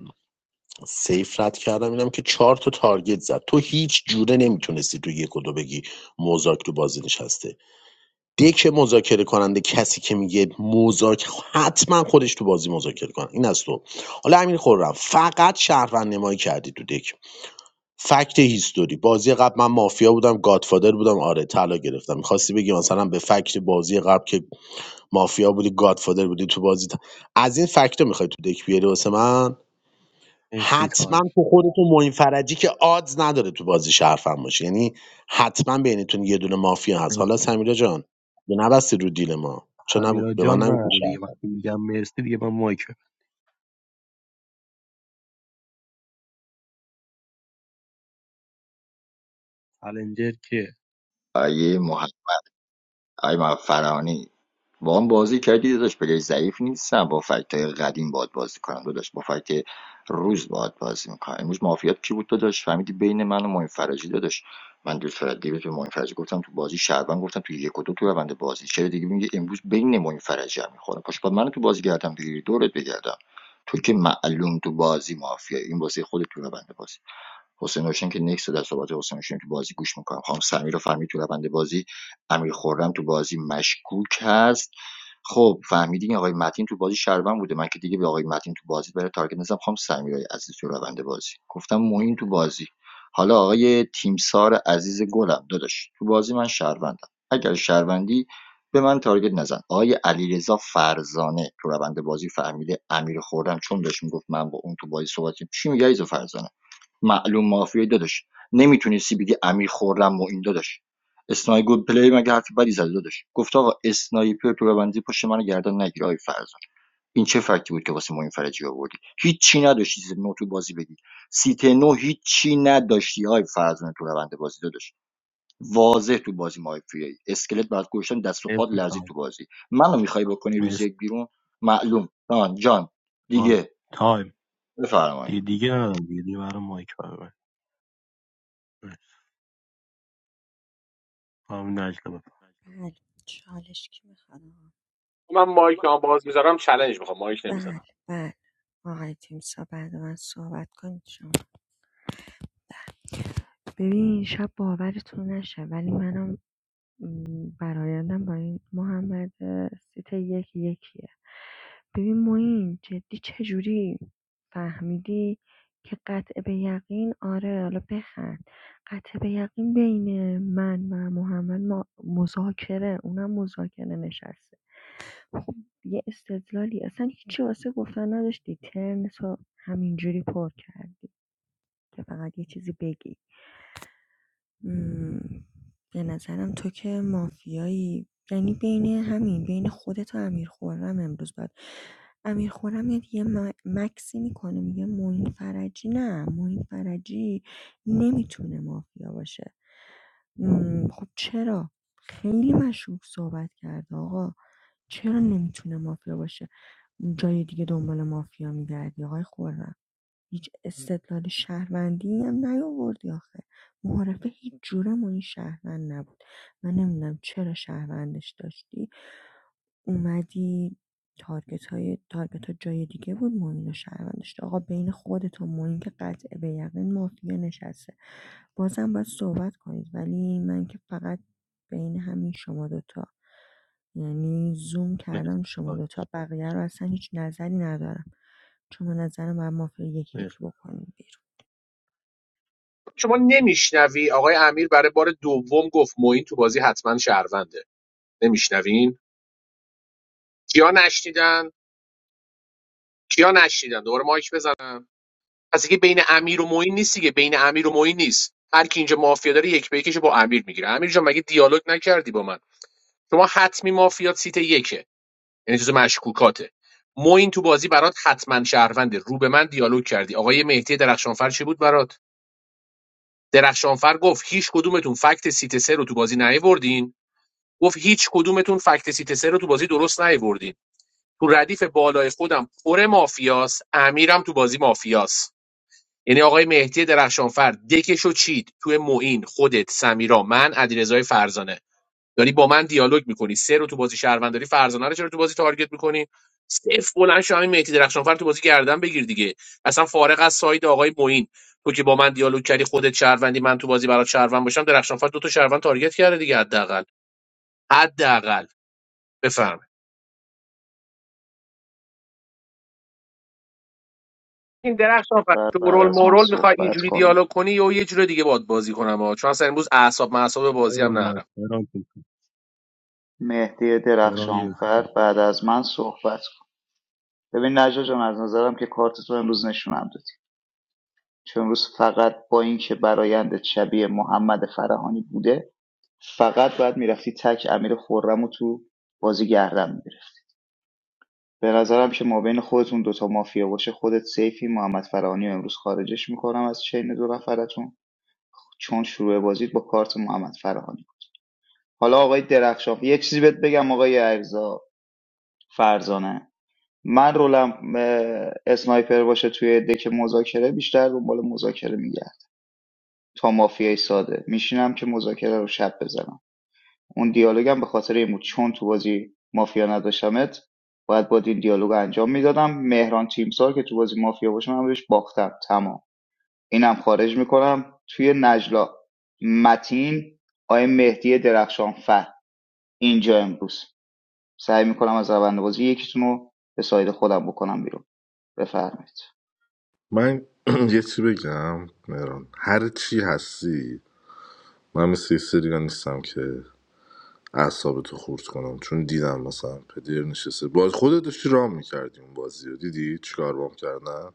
سیف رد کردم اینم که چهار تا تارگت زد تو هیچ جوره نمیتونستی تو یک و دو بگی موزاک تو بازی نشسته دک مذاکره کننده کسی که میگه موزاک حتما خودش تو بازی مذاکره کنه این از تو حالا امین خورم فقط شهروند نمایی کردی تو دک فکت هیستوری بازی قبل من مافیا بودم گادفادر بودم آره طلا گرفتم میخواستی بگی مثلا به فکت بازی قبل که مافیا بودی گادفادر بودی تو بازی ت- از این فکت میخوای تو دک بیاری واسه من مرسی حتما تایم تو خودتون معین فرجی که آدز نداره تو بازی شرفم باشه یعنی حتما بینتون یه دونه مافیا هست حالا مرسی سمیرا جان یه نبستی رو دیل ما چون نب... سمیرا به جان من نگو نره دیگه شرف وقتی میگم مرسی دیگه من مایکه چلنجر که آیه آقای ما فرانی با هم بازی کردی داداش پلی ضعیف نیستم با فکت قدیم باد بازی کنم داداش با فکت روز باد بازی میکنم امروز مافیات کی بود داداش فهمیدی بین من و معین فرجی داداش من دو فرجی به معین فرجی گفتم تو بازی شعبان گفتم تو یک و دو تو روند بازی چرا دیگه میگه امروز بین معین فرجی هم میخوره پاش بعد منو تو بازی گردم بگیری دورت بگردم تو که معلوم تو بازی مافیا این بازی خودت تو روند بازی حسین هاشم که نکس در از صحبت حسین هاشم که بازی گوش میکنم خانم سمیر رو فهمید تو روند بازی امیر خورم تو بازی مشکوک هست خب فهمیدین آقای متین تو بازی شربن بوده من که دیگه به آقای متین تو بازی برای تارگت نزدم خانم سمیرای عزیز تو روند بازی گفتم مهم تو بازی حالا آقای تیمسار عزیز گلم داداش تو بازی من شهروندم اگر شهروندی به من تارگت نزن آقای علیرضا فرزانه تو روند بازی فهمیده امیر خوردم چون داشت میگفت من با اون تو بازی صحبت چی میگه علیرضا فرزانه معلوم مافیایی داداش نمیتونی سی بی دی امیر خوردم و این داداش اسنایپر پلی مگه حرف بدی زد داداش گفت آقا اسنایپر تو ببندی پشت من گردن نگیر آی فرزان این چه فکتی بود که واسه ما این فرجی آوردی هیچی نداشتی چیز نو تو بازی بگی سیت نو هیچی نداشتی آی فرزان تو روند بازی داداش واضح تو بازی مافیایی اسکلت بعد گوشتن دست و پات مرسی لرزی تایم تو بازی منو میخوای بکنی روز مرسی یک بیرون معلوم جان جان تایم دیگه تایم بفرمایید دیگه دیگه ندارم دیگه دیگه برای مایک برای من همین نجلا بفرم بله چالش کی میخواد آقا؟ من مایک هم باز میذارم چالش میخوام مایک بله نمیذارم بله آقای تیمسا بعد من صحبت کنید شما ببین شب باورتون نشه ولی منم م، برایندم با این محمد سیت یک یکیه ببین موین جدی چجوری فهمیدی که قطع به یقین آره حالا بخند قطع به یقین بین من و محمد ما مذاکره اونم مذاکره نشسته خب یه استدلالی اصلا هیچی واسه گفتن نداشتی ترن تو همینجوری پر کردی که فقط یه چیزی بگی ام، به نظرم تو که مافیایی یعنی بین همین بین خودت و امیر خرم امروز باید امیر خرم یه یه م- مکسی میکنه میگه معین فرجی نه معین فرجی نمیتونه مافیا باشه ام، خب چرا خیلی مشروب صحبت کرده آقا چرا نمیتونه مافیا باشه جای دیگه دنبال مافیا میگردی آقای خرم هیچ استدلال شهروندی هم نیاوردی آخه معارفه هیچ جوره ما این شهروند نبود من نمیدونم چرا شهروندش داشتی اومدی تارگت های تارگت ها جای دیگه بود موین و شهروندش داشت. آقا بین خودت و موین که قطع به یقین مافیا نشسته بازم باید صحبت کنید ولی من که فقط بین همین شما دوتا یعنی زوم مرسی کردم شما تایم دوتا بقیه رو اصلا هیچ نظری ندارم چون به نظر من مافیا یکی یکی مرسی بکنیم بیرون شما نمیشنوی آقای امیر برای بار دوم گفت موین تو بازی حتما شهرونده نمیشنوین کیا نشنیدن کیا نشنیدن دوباره مایک بزن پس دیگه بین امیر و معین نیست دیگه بین امیر و معین نیست هر کی اینجا مافیا داره یک به یکشو با امیر میگیره امیر جان مگه دیالوگ نکردی با من شما حتمی مافیا سیت یکه یعنی جز مشکوکاته معین تو بازی برات حتما شهرونده رو به من دیالوگ کردی آقای مهدی درخشانفر چی بود برات درخشانفر گفت هیچ کدومتون فکت سیت سه رو تو بازی نیاوردین گفت هیچ کدومتون فکت سیت سه رو تو بازی درست نیاوردین تو ردیف بالای خودم پر مافیاس امیرم تو بازی مافیاس یعنی آقای مهدی درخشانفر دکشو چید توی معین خودت سمیرا من علیرضای فرزانه داری با من دیالوگ میکنی سه رو تو بازی شهروند داری فرزانه رو چرا تو بازی تارگت میکنی صفر بلند شو همین مهدی درخشانفر تو بازی گردن بگیر دیگه اصلا فارغ از ساید آقای معین تو که با من دیالوگ کردی خودت شهروندی من تو بازی برات شهروند باشم درخشانفر دو تا شهروند تارگت کرده دیگه حداقل حداقل بفهم این درخشان فرد درخشانفر بعد شورول از من مورول میخوای صحبت اینجوری کنه دیالوگ کنی یا یه جور دیگه باد بازی کنم ها. چون اصلا امروز اعصاب معصاب تایم بازی رو هم نرم مایک برام مهدی درخشانفر بعد از من صحبت کنه ببین نجا جان از نظرم که کارت تو امروز نشونم دادی چون امروز فقط با اینکه برایند شبیه محمد فرهانی بوده فقط باید میرفتی تک امیر خورم تو بازی گردن میگرفت به نظرم که ما بین خودتون دوتا مافیا باشه خودت سیفی محمد فرهانی امروز خارجش میکنم از چین دو نفرتون چون شروع بازیت با کارت محمد فرهانی حالا آقای درخشان یه چیزی بهت بگم آقای ارزا فرزانه من رولم اه، اسنایپر باشه توی دک مذاکره بیشتر دنبال مذاکره میگرد تا مافیای ساده میشینم که مذاکره رو شب بزنم اون دیالوگم به خاطر این بود چون تو بازی مافیا نداشتمت باید با این دیالوگ رو انجام میدادم مهران تیمسار که تو بازی مافیا باشه من بهش باختم تمام اینم خارج میکنم توی نجلا متین آقای مهدی درخشان فر اینجا امروز سعی میکنم از روند بازی یکیتون رو به ساید خودم بکنم بیرون بفرمایید من یه چی بگم مهران هر چی هستی من مثل یه سری دیگه نیستم که اعصابتو خورد کنم چون دیدم مثلا پدر نشسته باز خودت داشتی رام میکردی اون بازی رو دیدی چیکار بام کردن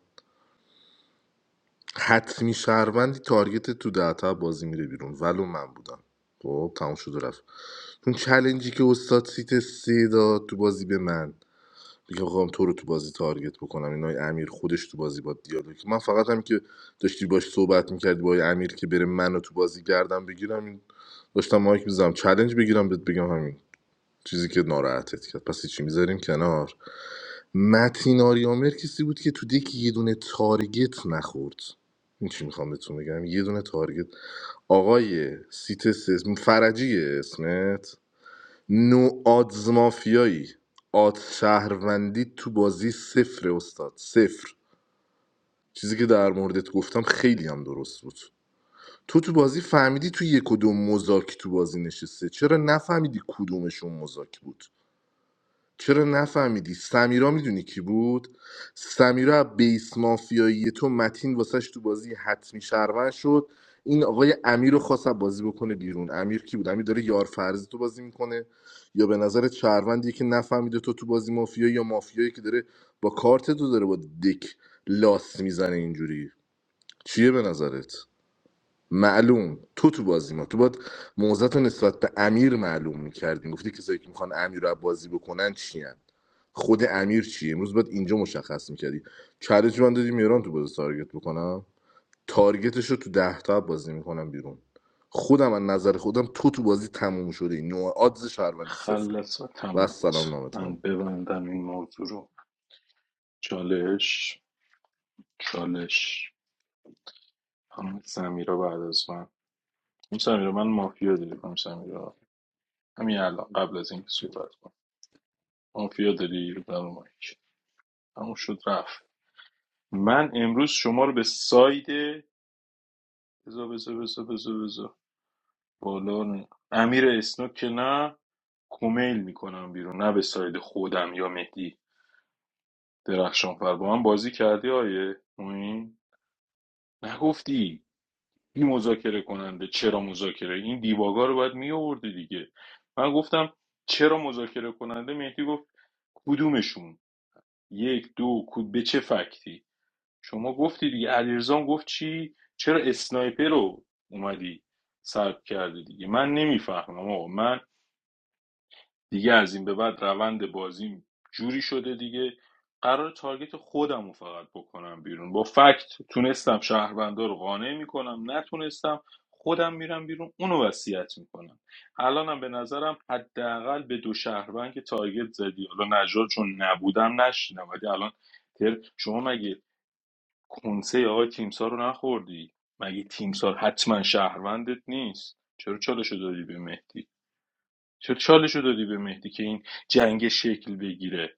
حتمی شهروندی تارگت تو دهتا بازی میره بیرون ولو من بودم خب تموم شد و رفت اون چلنجی که استاد سیت سه داد تو بازی به من دیگه خواهم تو رو تو بازی تارگت بکنم اینای امیر خودش تو بازی با دیالوگ من فقط هم که داشتی باش صحبت میکردی با آی امیر که بره منو تو بازی گردم بگیرم این داشتم مایک میزم چلنج بگیرم بهت بگم همین چیزی که ناراحتت کرد پس چی میذاریم کنار متین آریامر کسی بود که تو دک یه دونه تارگت نخورد این چی میخوام بهتون بگم یه دونه تارگت آقای سیت اسم فرجیه اسمت نو آدز مافیایی آد شهروندی تو بازی صفر استاد صفر چیزی که در موردت گفتم خیلی هم درست بود تو تو بازی فهمیدی تو یک و دو مزاک تو بازی نشسته چرا نفهمیدی کدومشون مزاک بود چرا نفهمیدی سمیرا میدونی کی بود سمیرا از بیس مافیایی تو متین واسش تو بازی حتمی شهروند شد این آقای امیر رو خواست از بازی بکنه بیرون امیر کی بود امیر داره یار فرضی تو بازی میکنه یا به نظر چروندی که نفهمیده تو تو بازی مافیایی یا مافیایی که داره با کارت تو داره با دک لاس میزنه اینجوری چیه به نظرت معلوم تو تو بازی ما تو باید موزت نسبت به امیر معلوم میکردی گفتی کسایی که میخوان امیر رو از بازی بکنن چیان خود امیر چی امروز باید اینجا مشخص میکردی چالش من دادی میران تو بازی تارگت بکنم تارگتش رو تو ده تا بازی میکنم بیرون خودم از نظر خودم تو تو بازی تموم شده نوع آدز شهروندی صفره خلص و و از سلام تمت نامه من تمام ببندم این موضوع رو چالش چالش خانم سمیرا بعد از من خانم سمیرا من مافیا داری خانم سمیرا همین الان قبل از اینکه صحبت کنم مافیا داری رو در مایک همون شد رفت من امروز شما رو به ساید بزا بزا بزا بزا بزا بالا نه. امیر اسنوک که نه کمیل میکنم بیرون نه به ساید خودم یا مهدی درخشانفر با من بازی کردی آیه موین نگفتی این مذاکره کننده چرا مذاکره این دیباگا رو باید می آوردی دیگه من گفتم چرا مذاکره کننده مهدی گفت کدومشون یک دو کد به چه فکتی شما گفتی دیگه علیرضا گفت چی چرا اسنایپر رو اومدی سلب کرده دیگه من نمیفهمم آقا من دیگه از این به بعد روند بازیم جوری شده دیگه قرار تارگت خودم رو فقط بکنم بیرون با فکت تونستم شهروندا رو قانع میکنم نتونستم خودم میرم بیرون اونو وصیت میکنم الانم به نظرم حداقل به دو شهروند که تارگت زدی حالا نجار چون نبودم نشینم ولی الان تر- شما مگه کنسه آقای تیمسار رو نخوردی مگه تیمسار حتما شهروندت نیست چرا چالش رو دادی به مهدی چرا چالش رو دادی به مهدی که این جنگ شکل بگیره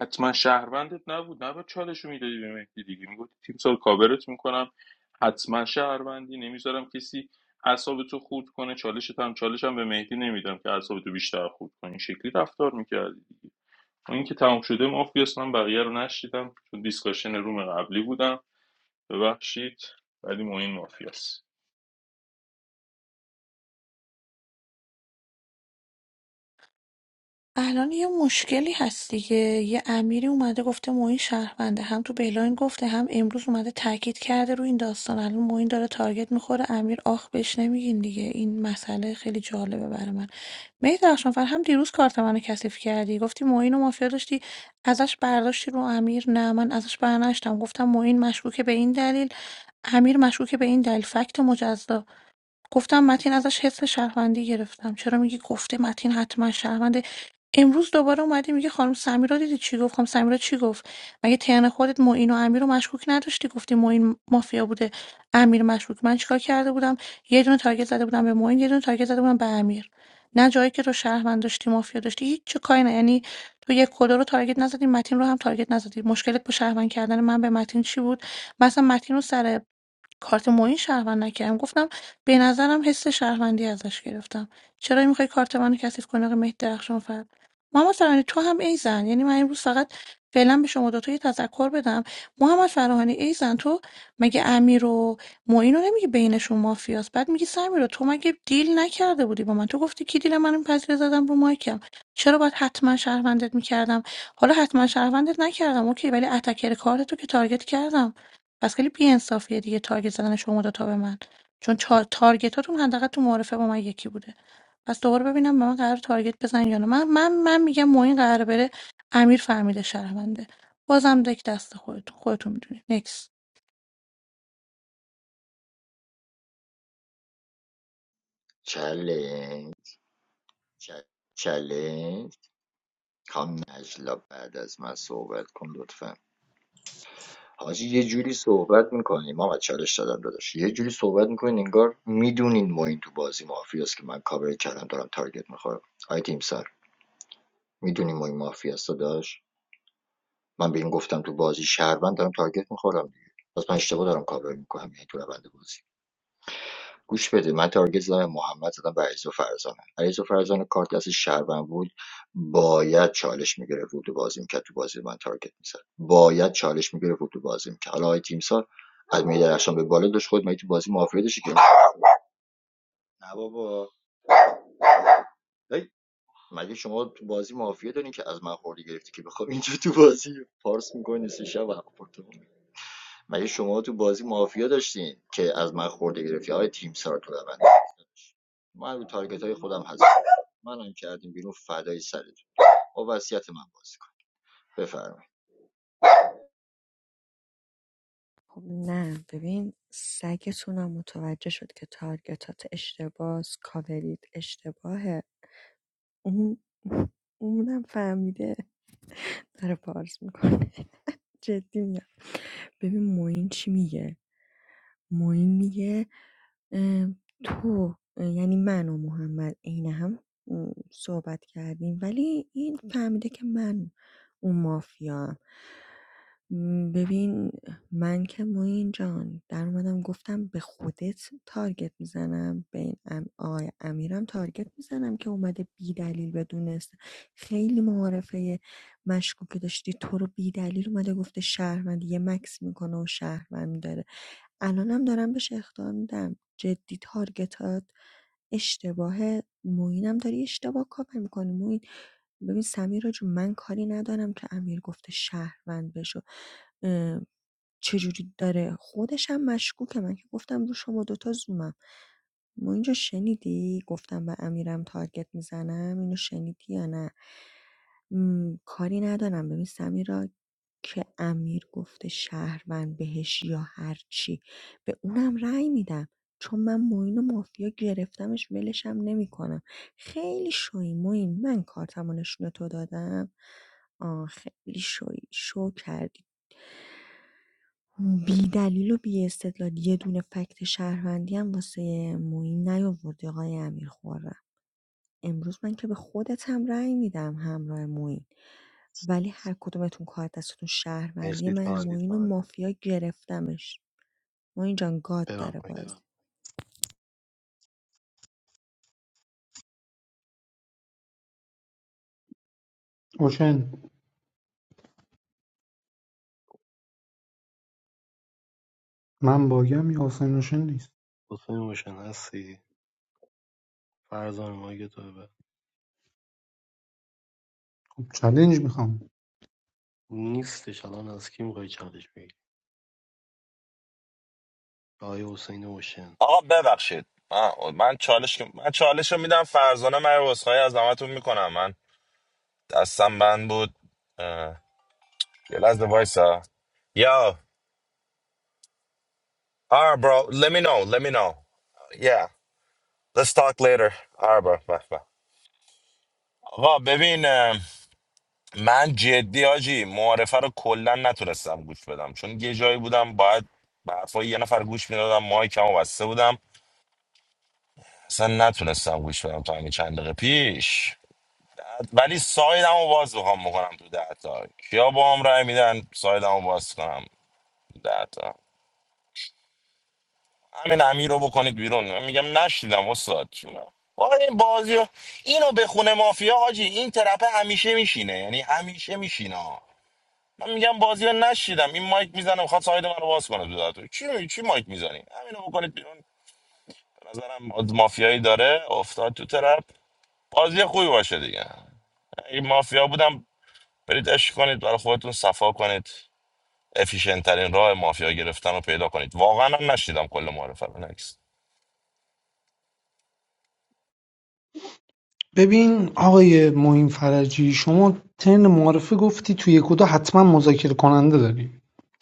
حتما شهروندت نبود نباید چالش رو میدادی به مهدی دیگه میگفتی تیم سال کاورت میکنم حتما شهروندی نمیذارم کسی اعصاب تو خورد کنه چالشت هم چالشم به مهدی نمیدم که اعصاب تو بیشتر خورد کنی این شکلی رفتار میکردی دیگه و اینکه تمام شده مافیاس من بقیه رو نشیدم چون دیسکاشن روم قبلی بودم ببخشید ولی مهم مافیاس الان یه مشکلی هست دیگه یه امیری اومده گفته موین شهرونده هم تو بلاین گفته هم امروز اومده تاکید کرده رو این داستان الان موین داره تارگت میخوره امیر آخ بهش نمیگین دیگه این مسئله خیلی جالبه برای من مهدی درخشانفر هم دیروز کارت منو کثیف کردی گفتی موین و مافیا داشتی ازش برداشتی رو امیر نه من ازش برنشتم گفتم موین مشکوکه به این دلیل امیر مشکوکه به این دلیل فکت مجزا گفتم متین ازش حس شهروندی گرفتم چرا میگی گفته متین حتما شهرونده امروز دوباره اومدی میگه خانم سمیرا دیدی چی گفت خانم سمیرا چی گفت مگه تن خودت معین و امیر رو مشکوک نداشتی گفتی معین مافیا بوده امیر مشکوک من چیکار کرده بودم یه دونه تارگت زده بودم به معین یه دونه تارگت زده بودم به امیر نه جایی که تو شهروند داشتی مافیا داشتی هیچ چه کاری نه یعنی تو یک کدا رو تارگت نزدی متین رو هم تارگت نزدی مشکلت با شهروند کردن من به متین چی بود مثلا متین رو سر کارت معین شهروند نکردم گفتم به نظرم حس شهروندی ازش گرفتم چرا میخوای کارت منو کثیف کنی آقای مهدی درخشان فر محمد فرهانی تو هم ای زن یعنی من امروز فقط فعلا به شما دوتا یه تذکر بدم محمد فرهانی ای زن تو مگه امیر و معین رو نمیگی بینشون مافیاست بعد میگی سمیر رو تو مگه دیل نکرده بودی با من تو گفتی کی دیل منو پذیر زدم رو مایکم چرا باید حتما شهروندت میکردم حالا حتما شهروندت نکردم اوکی ولی اتکر کارت تو که تارگت کردم پس خیلی بی‌انصافیه دیگه تارگت زدن شما دوتا به من چون چا... تارگتاتون حداقل تو معارفه با من یکی بوده پس دوباره ببینم به من قرار تارگت بزن یا نه من من من میگم معین قرار بره امیر فهمیده شهرونده بازم دک دست خودتون خودتون میدونید نکس چله چله خانم نجلا بعد از من صحبت کن لطفا حاجی یه جوری صحبت میکنی ما چالش دادم داداش یه جوری صحبت میکنین انگار میدونین ما این تو بازی مافیاست که من کاور کردم دارم تارگت میخورم آی تیم سر میدونین ما این مافیاست داداش من به این گفتم تو بازی شهروند دارم تارگت میخورم دیگه پس من اشتباه دارم کاور میکنم یعنی تو روند بازی گوش بده من تارگت زدم محمد زدم و عریض و فرزانه عریض و فرزانه کارت دست شهروند بود باید چالش میگرفت بود و بازی میکرد تو بازی من تارگت میزد باید چالش میگرفت بود و بازی میکرد حالا آقای تیمسار از میدر درخشان به بالا داشت خود مگه تو بازی مافیا داشتی که نه بابا هی، مگه شما تو بازی مافیا دارین که از من خوردی گرفتی که بخوام اینجا تو بازی پارس میکنی سه شب و مگه شما تو بازی مافیا داشتین که از من خورده گرفتی های تیم سار تو روند من رو تارگت های خودم هستم منم کردیم بیرون فدای سرتون با وصیت من بازی کن بفرمایید خب نه ببین سگتونم متوجه شد که تارگتات اشتباه کاورید اشتباهه اون اونم فهمیده داره پارس میکنه جدی میگم ببین معین چی میگه معین میگه اه، تو اه، یعنی من و محمد عین هم م، صحبت کردیم ولی این فهمیده که من اون مافیا ببین من که معین جان در اومدم گفتم به خودت تارگت میزنم به این ام آقای امیرم تارگت میزنم که اومده بی دلیل بدون است خیلی معارفه مشکوکی داشتی تو رو بیدلیل اومده گفته شهروندی یه مکس میکنه و شهروند داره الانم دارم بهش اخطار میدم جدی تارگتات اشتباهه موینم داری اشتباه کاور میکنی موین ببین سمیر جون من کاری ندارم که امیر گفته شهروند بشو اه، چجوری داره خودش هم مشکوکه من که گفتم رو شما دوتا زومم ما اینجا شنیدی گفتم به امیرم تارگت میزنم اینو شنیدی یا نه م، کاری ندارم ببین سمیرا که امیر گفته شهروند بهش یا هرچی به اونم رأی میدم چون من معین و مافیا گرفتمش ولشم نمیکنم خیلی شوی موین من کارتمو نشون به تو دادم آه خیلی شوی شو کردی بی دلیل و بی استدلال یه دونه فکت شهروندی هم واسه موین نیاوردی آقای امیر خورم امروز من که به خودت هم رأی میدم همراه موین ولی هر کدومتون کار دستتون شهروندی مرسی من تایم معین و مافیا گرفتمش موین جان گاد برام داره بازی اوشن من باگم یا حسین اوشن نیست حسین اوشن هستی فرزان مایک تو ببر خب چلنج میخوام نیستش الان از کی میخوای چالش بگیری آقای حسین اوشن آقا ببخشید من من چالش من چالش رو میدم فرزانه من عذرخواهی از همتون میکنم من دستم بند بود اه، یه لحظه وایسا یا آره برو let me know let me know yeah let's talk later آره برو بس بس. آقا ببین اه، من جدی آجی معارفه رو کلا نتونستم گوش بدم چون یه جایی بودم باید به حرفای یه نفر گوش میدادم مایکمو بسته بودم اصلا نتونستم گوش بدم تا همین چند دقیقه پیش ولی سایدمو باز بخوام بکنم تو ده تا کیا با هم رای میدن سایدمو باز کنم تو ده تا همین امیر رو بکنید بیرون من میگم نشیدم استاد جونم واقعا این بازی رو- اینو به خونه مافیا حاجی این ترپه همیشه میشینه یعنی همیشه میشینه من میگم بازی رو نشیدم این مایک میزنه میخواد ساید من رو باز کنه تو ده تا چی می... چی مایک میزنی همینو بکنید بیرون به نظرم آد- مافیایی داره افتاد تو ترپ بازی خوبی باشه دیگه این مافیا بودم برید عشق کنید برای خودتون صفا کنید افیشنت ترین راه مافیا گرفتن رو پیدا کنید واقعا هم نشیدم کل معرفه رو نکس ببین آقای معین فرجی شما ترن معارفه گفتی توی یک و دو حتما مذاکره کننده داری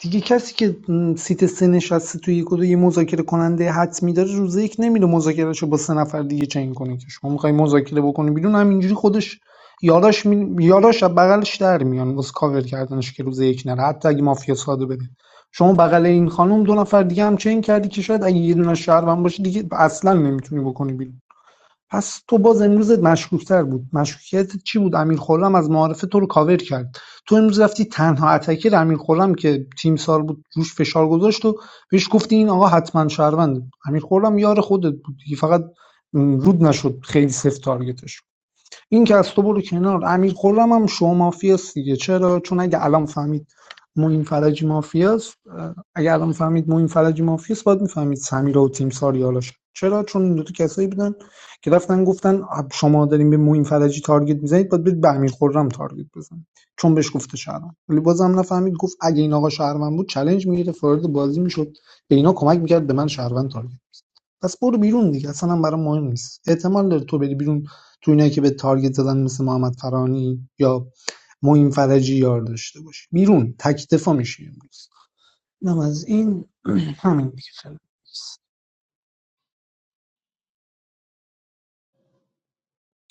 دیگه کسی که سیت سه نشسته توی یک و دو یه مذاکره کننده حتمی داره روز یک نمیره مذاکرهشو با سه نفر دیگه چنگ کنه که شما میخوای مذاکره بکنی بیرون همینجوری خودش یاراش می... یاراش از بغلش در میان واسه کاور کردنش که روز یک نره حتی اگه مافیا ساده بده شما بغل این خانم دو نفر دیگه هم چنگ کردی که شاید اگه یه دونه شهروند باشه دیگه اصلا نمیتونی بکنی بیرون پس تو باز امروز مشکوکتر بود مشکوکیتت چی بود امیر خرم از معارفه تو رو کاور کرد تو امروز رفتی تنها اتکر امیر خرم که تیم سال بود روش فشار گذاشت و بهش گفتی این آقا حتما شهرونده امیر خرم یار خودت بود دیگه فقط م، رود نشد خیلی سفت تارگتش این که از تو برو کنار امیر خرم هم شو مافیاست دیگه چرا چون اگه الان فهمید موین فرجی مافیاست اه، اگه الان فهمید موین فرجی مافیاست باید میفهمید سمیرا و تیم ساریالاش چرا چون این دو تا کسایی بودن که رفتن گفتن آب شما داریم به موین فرجی تارگت میزنید باید برید به امیر خرم تارگت بزنید چون بهش گفته شهروند ولی بازم نفهمید گفت اگه این آقا شهروند بود چالش میگیره وارد بازی میشد به اینا کمک میکرد به من شهروند تارگت پس برو بیرون دیگه اصلا هم برام مهم نیست احتمال داره تو بری بیرون تو اینایی که به تارگت زدن مثل محمد فرانی یا معین فرجی یار داشته باشی بیرون تک دفاع میشی امروز اینم از این همین دیگه فعلا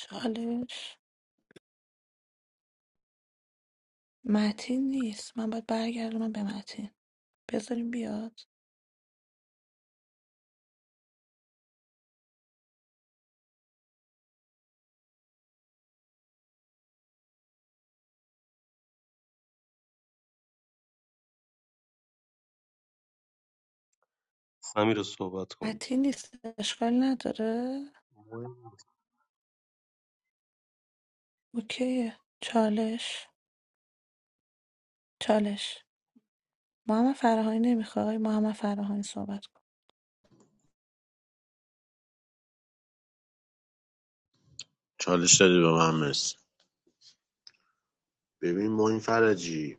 چالش متین نیست من باید برگردونم به متین بذاریم بیاد سمیر رو صحبت کن متین نیست اشکال نداره اوکی چالش چالش محمد فراهانی نمیخواد محمد فراهانی صحبت کن. چالش دادی به من مرسی ببین معین فرجی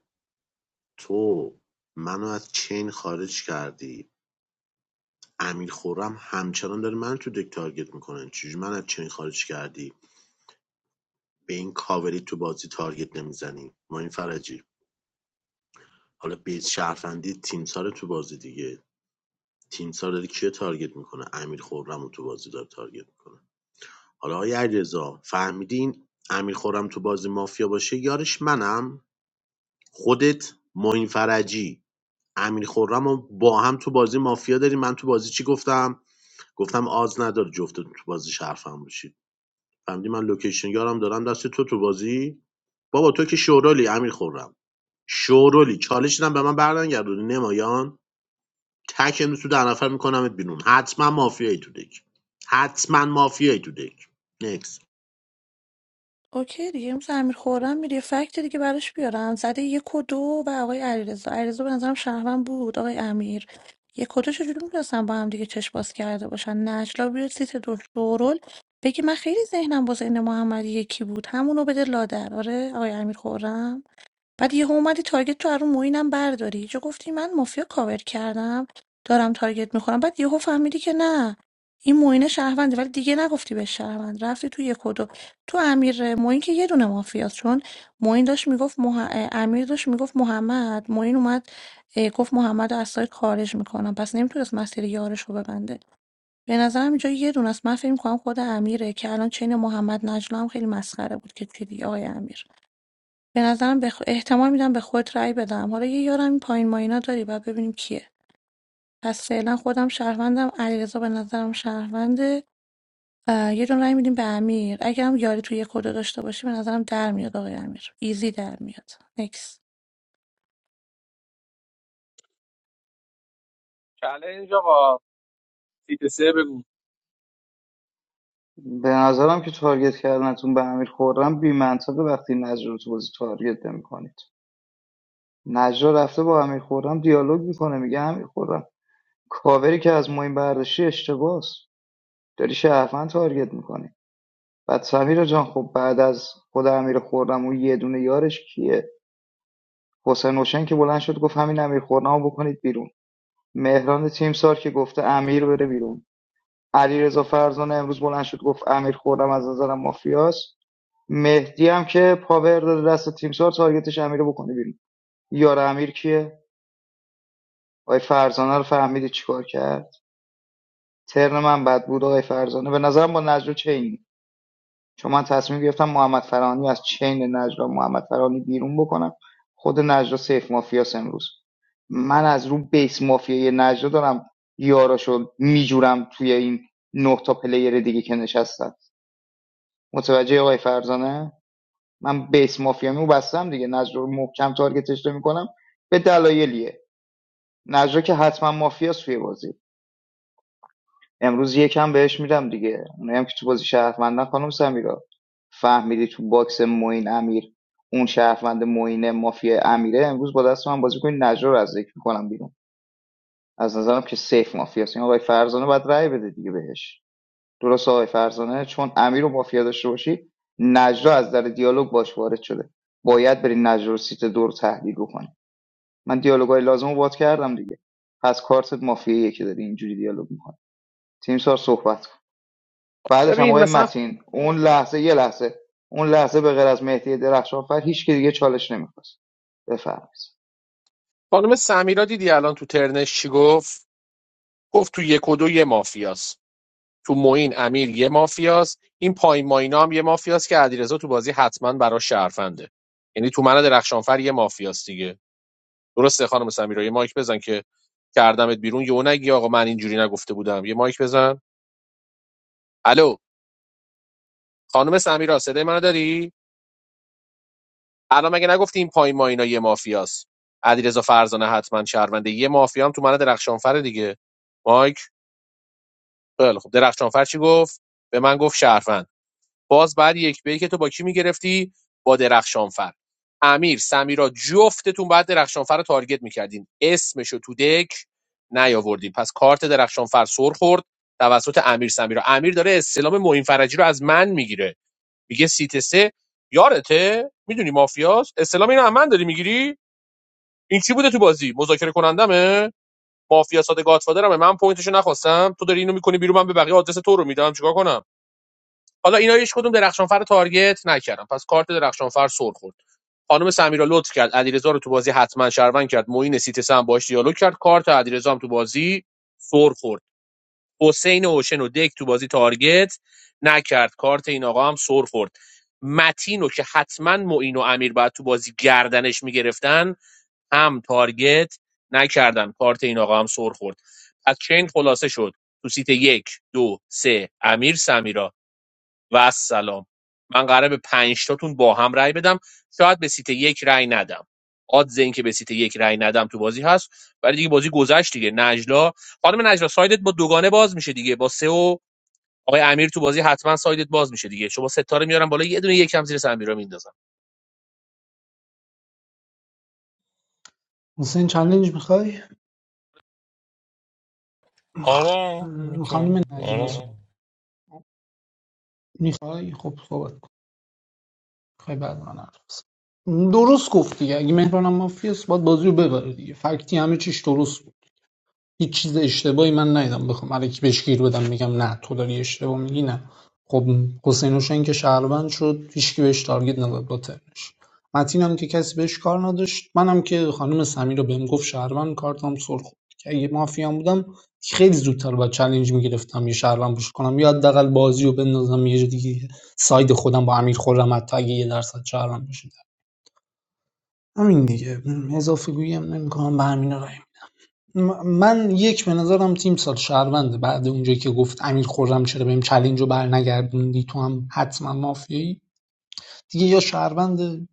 تو منو از چین خارج کردی امیر خورم همچنان داره من تو دک تارگت میکنن چجوری من از چین خارج کردی به این کاوری تو بازی تارگت نمیزنی معین فرجی حالا بیت شرفندی تیمسار تو بازی دیگه تیم سار داره کیو تارگت میکنه امیر خورم تو بازی داره تارگت میکنه حالا آقای علیرضا فهمیدین امیر خورم تو بازی مافیا باشه یارش منم خودت معین فرجی امیر خورم رو با هم تو بازی مافیا داری من تو بازی چی گفتم گفتم آز نداره جفتتون تو بازی شرفم باشید فهمیدی من لوکیشن یارم دارم دست تو تو بازی بابا تو که شورالی امیر خورم شورالی چالش رو هم به من برنگردونی نمایان تک امروز تو ده نفر میکنمت بیرون حتما مافیایی تو دک حتما مافیایی تو دک نکس اوکی دیگه امروز امیر خورم میری فکت دیگه براش بیارم زده یک و دو و آقای علیرضا علیرضا به نظرم شهروند بود آقای امیر یک و دو چجوری میدونستم با هم دیگه چشم باز کرده باشن نجلا بیاد سیت دو شورول بگی من خیلی ذهنم با ذهن محمد یکی بود همونو بده لادر آره آقای امیر خورم بعد یهو اومدی تارگت تو رو موینم برداری چه گفتی من مافیا کاور کردم دارم تارگت میخورم بعد یهو فهمیدی که نه این موین شهرونده ولی دیگه نگفتی به شهروند رفتی تو یک و دو تو امیر موین که یه دونه مافیاست چون موین داشت میگفت مح... امیر داشت میگفت محمد موین اومد اه، گفت محمد رو از سایت خارج میکنم پس نمیتونست مسیر یارش رو ببنده به نظرم اینجا یه دونه است من فکر میکنم خود امیره که الان چین محمد نجلا هم خیلی مسخره بود که چی دیگه آقای امیر به نظرم به خ- احتمال میدم به خود رأی بدم حالا یه یارم این پایین ماینا داری بعد ببینیم کیه پس فعلا خودم شهروندم علیرضا به نظرم شهرونده و یه دون رأی میدیم به امیر اگرم یاری توی خود داشته باشی به نظرم در میاد آقای امیر ایزی در میاد نکس چالش آقا سیت سه بگو به نظرم که تارگت کردنتون به امیر خورم بی وقتی نجر رو تو بازی تارگت نمیکنید نجر رفته با امیر خورم دیالوگ میکنه میگه امیر خورم کاوری که از موین برداشتی اشتباس داری شرفن تارگت میکنی بعد سمیر جان خب بعد از خود امیر خورم اون یه دونه یارش کیه حسین نوشن که بلند شد گفت همین امیر خورم رو بکنید بیرون مهران تیم سار که گفته امیر بره بیرون علیرضا فرزانه امروز بلند شد گفت امیر خوردم از نظرم مافیاست مهدی هم که پاور داده دست تیمسار تارگتش امیر رو بکنه بیرون یار امیر کیه آقای فرزانه رو فهمیدی چیکار کرد ترن من بد بود آقای فرزانه به نظرم با نجرا چینی چون من تصمیم گرفتم محمد فرانی از چین نجرا محمد فرانی بیرون بکنم خود نجرا سیف مافیاس امروز من از رو بیس مافیای نجرا دارم یاراشو میجورم توی این نه تا پلیر دیگه که نشستن متوجه آقای فرزانه من بیس مافیامو بستم دیگه نجر رو محکم تارگتش میکنم به دلایلیه نجر که حتما مافیاست توی بازی امروز یکم بهش میدم دیگه اونایی هم که تو بازی شهروندن خانم سمیرا فهمیدی تو باکس موین امیر اون شهروند موین مافیا امیره امروز با دست من بازی کنی نجر رو از ذکر میکنم بیرون از نظرم که سیف مافیاست این آقای فرزانه باید رأی بده دیگه بهش درست آقای فرزانه چون امیر رو مافیا داشته باشی نجلا از در دیالوگ باش وارد شده باید بری نجلا رو سیت دور تحلیل بکنی من دیالوگای لازم رو باد کردم دیگه پس کارتت مافیاییه که داری اینجوری دیالوگ میکنی تیم سار صحبت کن بعدش هم ببین آقای مثلا متین اون لحظه یه لحظه اون لحظه به غیر از مهدی درخشان فر هیچ که دیگه چالش نمیخواست بفرمایید خانم سمیرا دیدی الان تو ترنش چی گفت گفت تو یک و دو یه مافیاست تو موین امیر یه مافیاست این پایین ماینا هم یه مافیاست که علیرضا تو بازی حتما برا شرفنده یعنی تو من درخشانفر یه مافیاست دیگه درسته خانم سمیرا یه مایک بزن که کردمت بیرون یهو نگی آقا من اینجوری نگفته بودم یه مایک بزن الو خانم سمیرا صدای منو داری الان مگه نگفتی این پایین ما اینا یه مافیاست علیرضا فرزانه حتما شهرونده یه مافیا هم تو من درخشانفر دیگه مایک خیلی خب درخشانفر چی گفت به من گفت شهروند باز بعد یک به که تو با کی میگرفتی با درخشانفر امیر سمیرا جفتتون بعد درخشانفر رو تارگت میکردین اسمشو تو دک نیاوردین پس کارت درخشانفر سر خورد توسط امیر سمیرا امیر داره استلام معین فرجی رو از من میگیره میگه سیت سه یارته میدونی مافیاست استلام اینو از من داری میگیری این چی بوده تو بازی مذاکره کنندمه مافیا ساده گاتفادرمه من پوینتشو نخواستم تو داری اینو میکنی بیرون من به بقیه آدرس تو رو میدم چیکار کنم حالا اینا هیچ کدوم درخشانفر رو تارگت نکردم پس کارت درخشانفر سر خورد خانم سمیرا لطف کرد علیرضا رو تو بازی حتما شروند کرد معین سیتسه هم باش دیالوگ کرد کارت علیرضا هم تو بازی سر خورد حسین اوشن و دک تو بازی تارگت نکرد کارت این آقا هم سر خورد متینو که حتما معین و امیر بعد تو بازی گردنش میگرفتن هم تارگت نکردن کارت این آقا هم سر خورد از چین خلاصه شد تو سیت یک دو سه امیر سمیرا و السلام من قراره به پنج تاتون با هم رأی بدم شاید به سیت یک رأی ندم آدز این که به سیت یک رأی ندم تو بازی هست ولی دیگه بازی گذشت دیگه نجلا خانم نجلا سایدت با دوگانه باز میشه دیگه با سه و آقای امیر تو بازی حتما سایدت باز میشه دیگه شما ستاره میارن بالا یه دونه یکم زیر سمیرا میندازن حسین چالنج میخوای آره می‌تونی. خانم نجلا آره صحبت میخوای خب صحبت کن میخوای بعد من حرف بزنم. درست گفت دیگه اگه مهران مافیاس باید بازی رو ببره دیگه فکتی همه چیش درست هیچ چیز اشتباهی من ندیدم بخوام الکی بهش گیر بدم میگم نه تو داری اشتباه میگی نه خب حسین حسین که شهروند شد هیچکی بهش تارگت نزد با ترنش متین هم که کسی بهش کار نداشت منم که خانم سمیر رو بهم گفت شهروند کارتم سر خورد که اگه مافیام بودم خیلی زودتر با چالش میگرفتم یه شهروند بوش کنم یا حداقل بازی رو بندازم یه جا دیگه ساید خودم با امیر خورم حتی اگه یه درصد شهروند بشه همین دیگه اضافه گویی هم نمی‌کنم به همین راه من یک به نظرم تیم سال شهرونده بعد اونجایی که گفت امیر خورم چرا بهم چلنج رو برنگردوندی تو هم حتما مافیایی دیگه یا شهرونده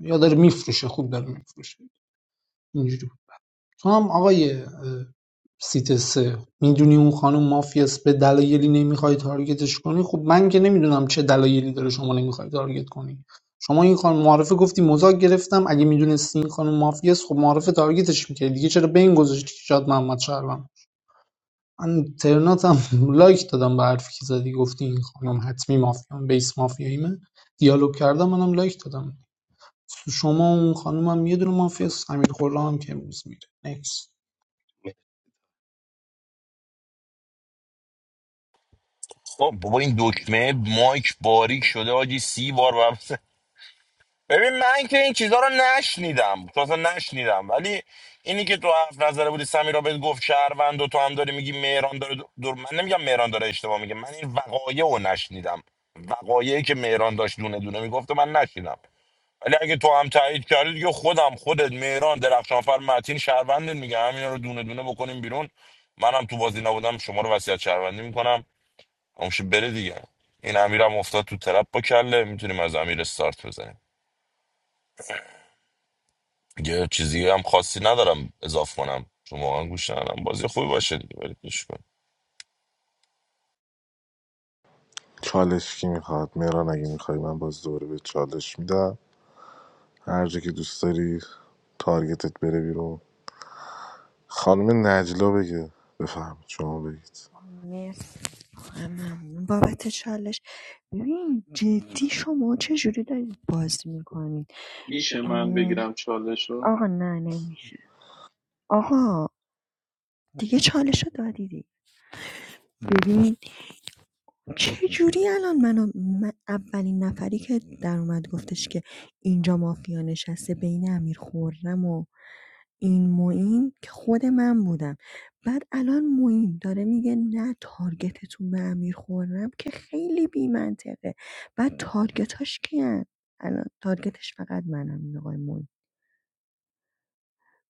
یا داره میفروشه خوب داره میفروشه اینجوری تو هم آقای اه، سیت سه میدونی اون خانم مافیاس به دلایلی نمیخوای تارگتش کنی خب من که نمیدونم چه دلایلی داره شما نمیخوای تارگت کنی شما این خانم معرفه گفتی مزاک گرفتم اگه میدونستی این خانم مافیاس خب معرفه تارگتش میکردی دیگه چرا به این گذاشتی که شاد محمد شهروند من ترناتم لایک دادم به حرفی که زدی گفتی این خانم حتمی مافیان بیس مافیاییمه دیالوگ کردم منم لایک دادم شما و اون خانم هم یه دونه مافیا است امیر خورلا هم که امروز میره نکس خب بابا این دکمه مایک باریک شده آجی سی بار برم ببین من که این چیزها رو نشنیدم تو اصلا نشنیدم ولی اینی که تو حرف نظره بودی سمیرا بهت گفت شهروند و تو هم داری میگی مهران داره دور من نمیگم مهران داره اشتباه میگه من این وقایع رو نشنیدم وقایعی که مهران داشت دونه دونه میگفت و من نشنیدم ولی اگه تو هم تایید کردی دیگه خودم خودت مهران درخشانفر متین شهروندت میگه همینا رو دونه دونه بکنیم بیرون منم تو بازی نبودم شما رو وصیت شهروندی میکنم امشه بره دیگه این امیرم افتاد تو ترپ با کله میتونیم از امیر استارت بزنیم یه چیزی هم خاصی ندارم اضاف کنم چون واقعا گوش ندارم بازی خوبی باشه دیگه برید گوش کنیم. چالش کی میخواد مهران اگه میخوای من باز دوباره به چالش میدم هر جا که دوست داری تارگتت بره بیرون خانم نجلا بگه بفهم شما بگید مرسی واقعا ممنون بابت چالش ببین جدی شما چجوری دارید بازی میکنید میشه من بگیرم چالش رو آقا نه نمیشه آقا دیگه چالش رو دادیدی ببین چه جوری الان منو من اولین نفری که در اومد گفتش که اینجا مافیا نشسته بین امیر خورم و این معین که خود من بودم بعد الان معین داره میگه نه تارگتتون به امیر خورم که خیلی بی منطقه بعد تارگتاش کیان الان تارگتش فقط منم این آقای معین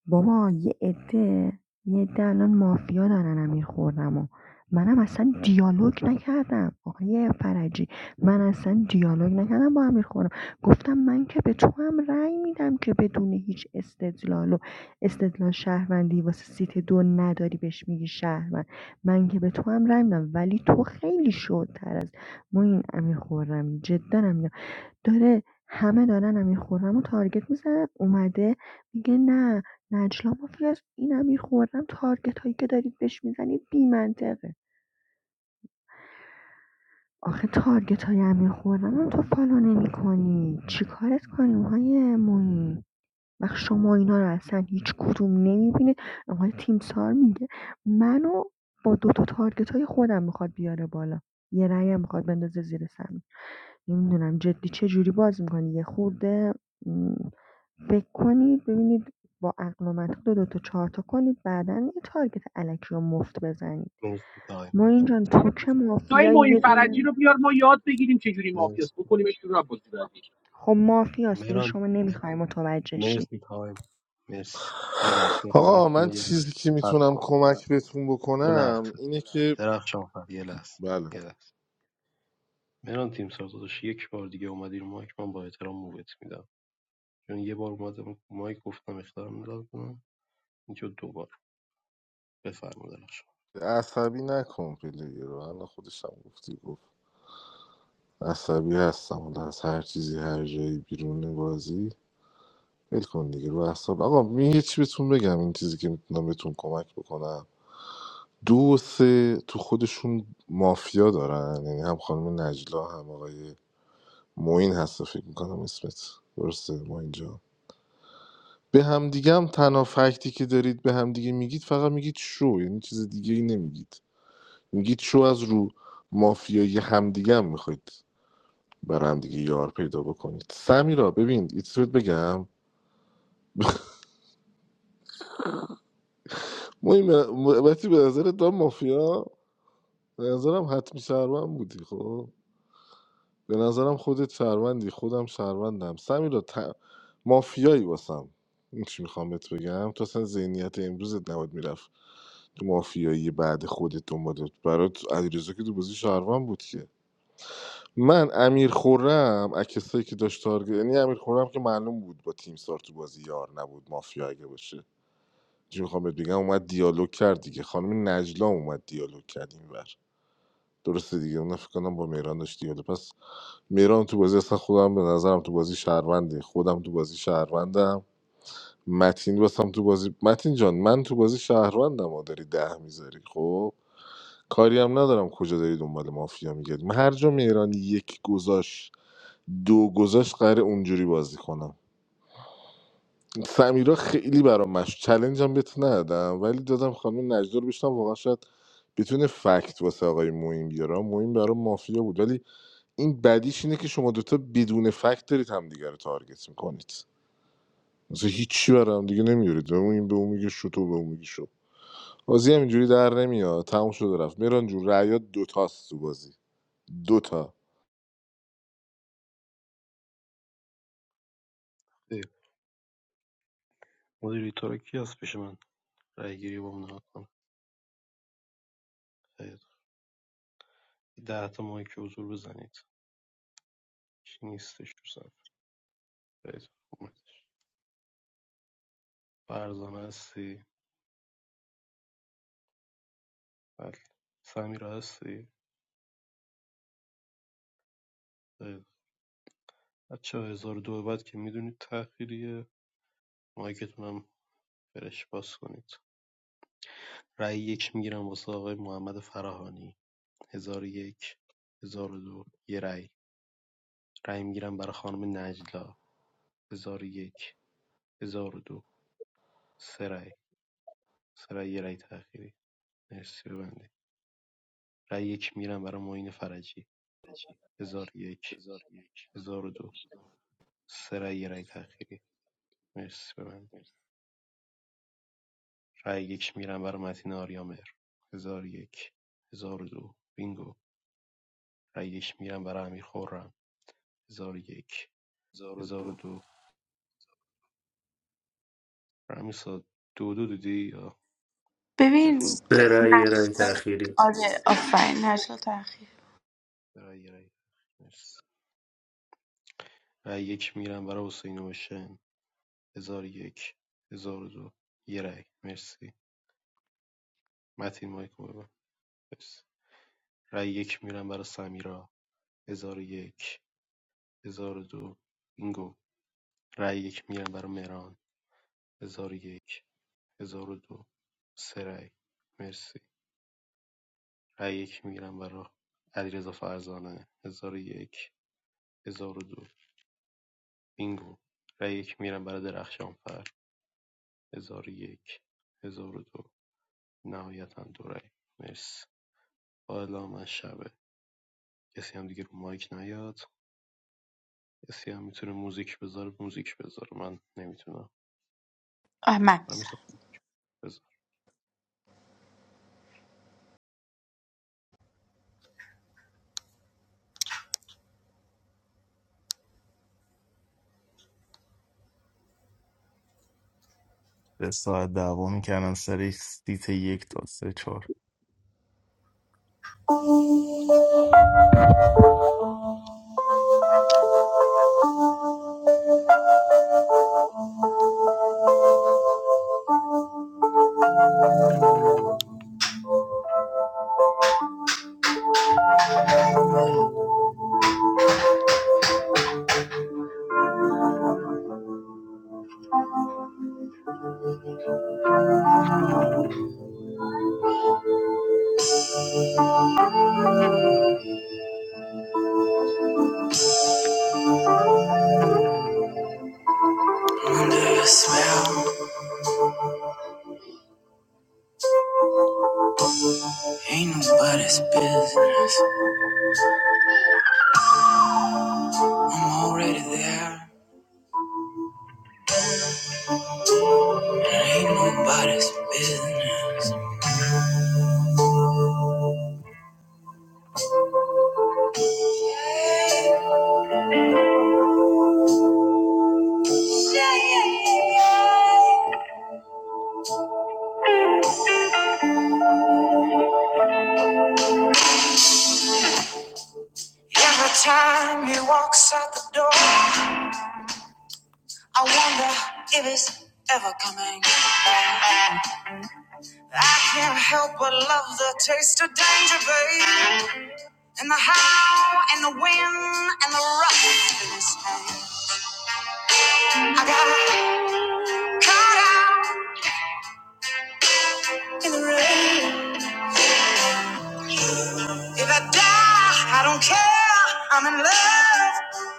بابا یه عده یه عده الان مافیا دارن امیر خرمو منم اصلا دیالوگ نکردم آقای فرجی من اصلا دیالوگ نکردم با امیر خرم گفتم من که به تو هم رأی میدم که بدون هیچ استدلال و استدلال شهروندی واسه سیت دو نداری بهش میگی شهروند من که به تو هم رأی میدم ولی تو خیلی شدتر از ما این امیر خرمی جدا هم داره همه دارن امیرخرم رو تارگت میزنن اومده میگه نه نجلا مافیاست این امیرخرم تارگت هایی که دارید بهش میزنید بی منطقه آخه تارگت های امیرخرم هم تو فالو نمی کنی چی کارت کنیم های موین وقت شما اینا رو اصلا هیچ کدوم نمیبینید آقای تیمسار میگه منو با دوتا تا تارگت های خودم میخواد بیاره بالا یه رأی هم میخواد بندازه زیر سمی نمیدونم جدی چه جوری باز میکنی یه خورده م، فکر کنید ببینید با عقل و منطق دو دو تا چهار تا کنید بعدا یه تارگت الکی رو مفت بزنید مرسی تایم ما اینجا حالا تو که جای مافیایی معین یه فرجی دونه رو بیار ما یاد بگیریم چجوری مرسی مافیاس بکنیمش بیرون از بازی بعدی خب مافیاست دیگه مهران شما نمیخوای متوجه شی مرسی تایم مرسی یه لحظه رو آقا من- من یه لحظه چیزی که صبر میتونم کن کمک بهتون یه بکنم لحظه اینه که درخشان فر یه لحظه بله یه لحظه مهران تیم سازداش یک بار دیگه اومدی رو مایک من با احترام موبت میدم چون یه بار اومدم رو مایک گفتم اختار میداد کنم اینجا دوبار بفرما درخشان عصبی نکن پلیر رو الان خودش هم گفتی گفت عصبی هستم حالا از هر چیزی هر جایی بیرون بازی ول کن دیگه رو اعصاب آقا من یه چی بهتون بگم این چیزی که میتونم بهتون کمک بکنم دو و سه تو خودشون مافیا دارن یعنی هم خانم نجلا هم آقای معین هست فکر میکنم اسمت درسته ما اینجا به هم دیگه هم تنها فکتی که دارید به هم دیگه میگید فقط میگید شو یعنی چیز دیگه ای نمیگید میگید شو از رو مافیایی همدیگه هم میخواید برام دیگه یار پیدا بکنید سمیرا ببین ایتسویت بگم مهم وقتی به نظرت دام مافیا به نظرم حتمی شهروند بودی خب به نظرم خودت شهروندی خودم شهروندم سمیرا ت... مافیایی واسم این چی میخوام بهت بگم تو اصلا ذهنیت امروزت نباید میرفت تو مافیایی بعد خودت دنبالت برات علیرضا که تو بازی شهروند بود که من امیر خورم از کسایی که داشت تارگت یعنی امیر خورم که معلوم بود با تیم سار تو بازی یار نبود مافیا اگه باشه چی میخوام بهت بگم اومد دیالوگ کرد دیگه خانم نجلا اومد دیالوگ کرد اینور درسته دیگه اون فکر کنم با مهران داشت دیالوگ پس مهران تو بازی اصلا خودم به نظرم تو بازی شهرونده خودم تو بازی شهروندم متین واسم تو بازی متین جان من تو بازی شهروندم و داری ده میذاری خب کاری هم ندارم کجا داری دنبال مافیا میگردی من هر جا مهران یک گذاشت دو گذاشت قراره اونجوری بازی کنم سمیرا خیلی برام مش چلنج هم بهت ندادم ولی دادم خانم نجدا رو بشنم واقعا شاید بتونه فکت واسه آقای موین بیاره موین برام مافیا بود ولی این بدیش اینه که شما دوتا بدون فکت دارید همدیگه رو تارگت میکنید مثلا هیچی برام دیگه نمیارید به این به اون میگه شو تو به اون میگه شو بازی هم اینجوری در نمیاد تموم شد و رفت میران جون رعیات دوتاست تو بازی دوتا خیر. مدیری تو رو کی هست پیش من رأیگیری رو ممنوع کن خیلی ده تا ماهی که حضور بزنید هیچ نیستش تو صف خیلی خوب. اومدش فرزانه هستی بله سمیرا هستی خیلی بچه ها هزار و دو به بعد که میدونید تأخیریه مایکتون هم فرش باز کنید رای یک میگیرم واسه آقای محمد فراهانی هزار و یک هزار و دو یه رأی رأی میگیرم برای خانم نجلا هزار و یک هزار و دو سه رأی سه رأی یه رأی تأخیری مرسی رای یک میگیرم برای معین فرجی 1001 1002 سه رای یه رای تأخیری مرسی ببند رای یک میگیرم برای متین آریامهر 1001 1002 بینگو رای یک میگیرم برای امیر خرم 1001 1002 رمیسا دو امیر صاد دو دو دیدی یا دفاع ببین بود Three years نشتا at the end. آره آفرین نشتا تاخیر سه رای رای مرسی رای یک میگیرم برای حسین اوشن 1001 1002 یه رای مرسی متین مایکو ببند مرسی رای یک میگیرم برای سمیرا هزار و یک، هزار و دو بینگو رأی یک میگیرم برای مهران هزار و یک، هزار و دو سه رأی مرسی رای یک میگیرم برای علیرضا فرزانه هزار و یک، هزار و دو بینگو رأی یک میگیرم برای درخشانفر هزار و یک، هزار و دو نهایتا دو رأی مرسی حالا من شبه کسی هم دیگه رو مایک نیاد کسی هم میتونه موزیک بذاره موزیک بذاره من نمیتونم آه من من میزم میتونم موزیک That's all. Damn. I don't know if I'm going to see the next one or not. Under your spell, ain't nobody's business. I'm already there, and ain't nobody's business. Every time he walks out the door. I wonder if it's ever coming. I can't help but love the taste of danger, babe. And the how, and the when, and the rough in this pain. I got caught out in the rain. If I die, I don't care. I'm in love.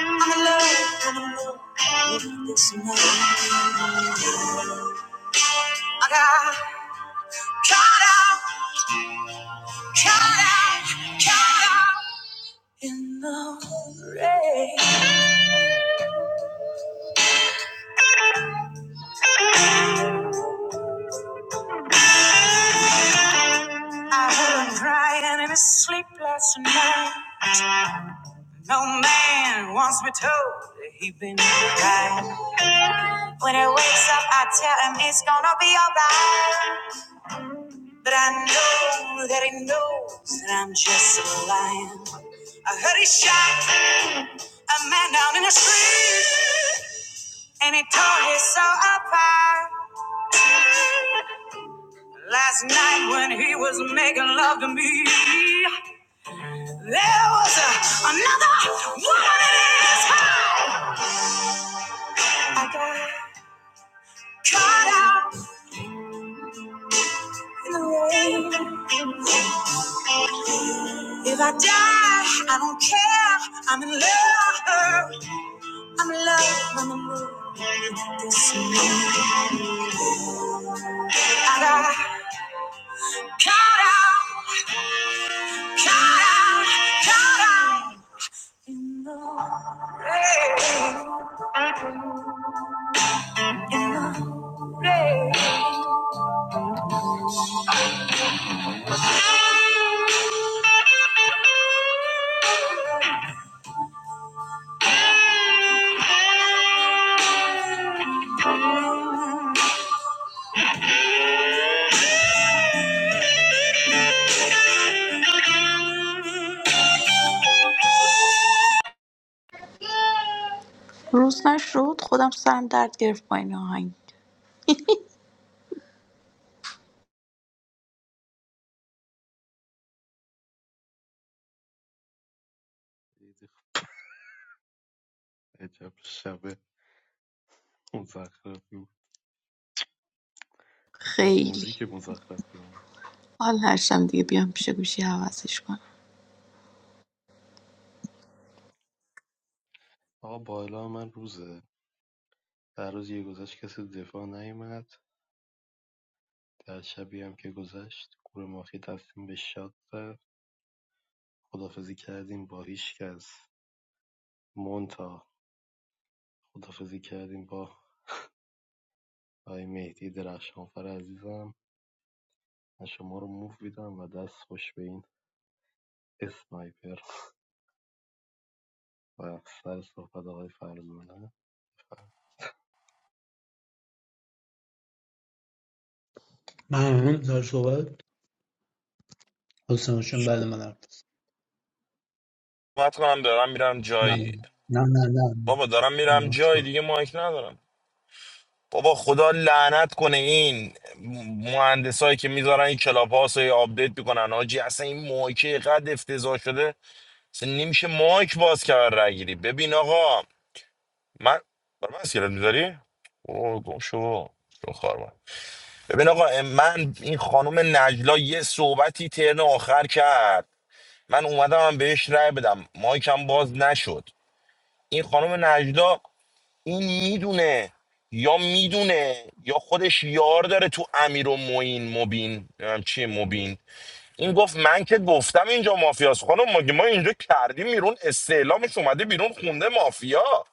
I'm in love. I'm in love with this man. I got caught out, caught out, caught out in the rain. I heard him crying in his sleep last night. No man wants me told that he been right. When he wakes up, I tell him it's gonna be alright. But I know that he knows that I'm just a lion. I heard he shot a man down in the street, and he tore his soul apart. Last night when he was making love to me. There was a, another woman in his heart. I got caught out in the rain. If I die, I don't care. I'm in love. I'm in love. I'm in love. I got caught out, caught out, caught out. روز نشد خودم سرم درد گرفت با این آهنگ بذاره عجب شب مزخرفی بود عجب خیلی موزیک مزخرفی هم. حال نشدم دیگه بیام پیش گوشی آره. عوضش کنم آقا با من روزه در روز یه گذشت کسی به دفاع نیومد در شبی هم که گذشت گور ماخی تصمیم به شاد زد خدافزی کردیم با هیچ کس مونتا خدافزی کردیم با آقای مهدی درخشانفر عزیزم من شما رو موف میدم و دست خوش به این اسنایپر و سر صحبت آقای فرزانه ممنون سر صحبت حسین حسین بعد من حرف بزن. صحبت کنم دارم میرم جایی بله. نه نه نه بابا دارم میرم باش جایی برو دیگه مایک ندارم بابا خدا لعنت کنه این مهندسایی که میذارن این کلاب هاوس رو آپدیت میکنن حاجی اصلا این مایکه قد افتضاح شده اصلا نمیشه مایک باز کرد رای گیری ببین آقا من بر من اسکلت میذاری اوه گم شو شو خار من. ببین آقا من این خانم نجلا یه صحبتی ترن آخر کرد من اومدم هم بهش رای بدم مایکم باز نشد این خانم نجلا این میدونه یا میدونه یا خودش یار داره تو امیر و موین مبین نمیدونم چیه مبین این گفت من که گفتم اینجا مافیاست خانم مگه ما اینجا کردیم بیرون استعلامش اومده بیرون خونده مافیا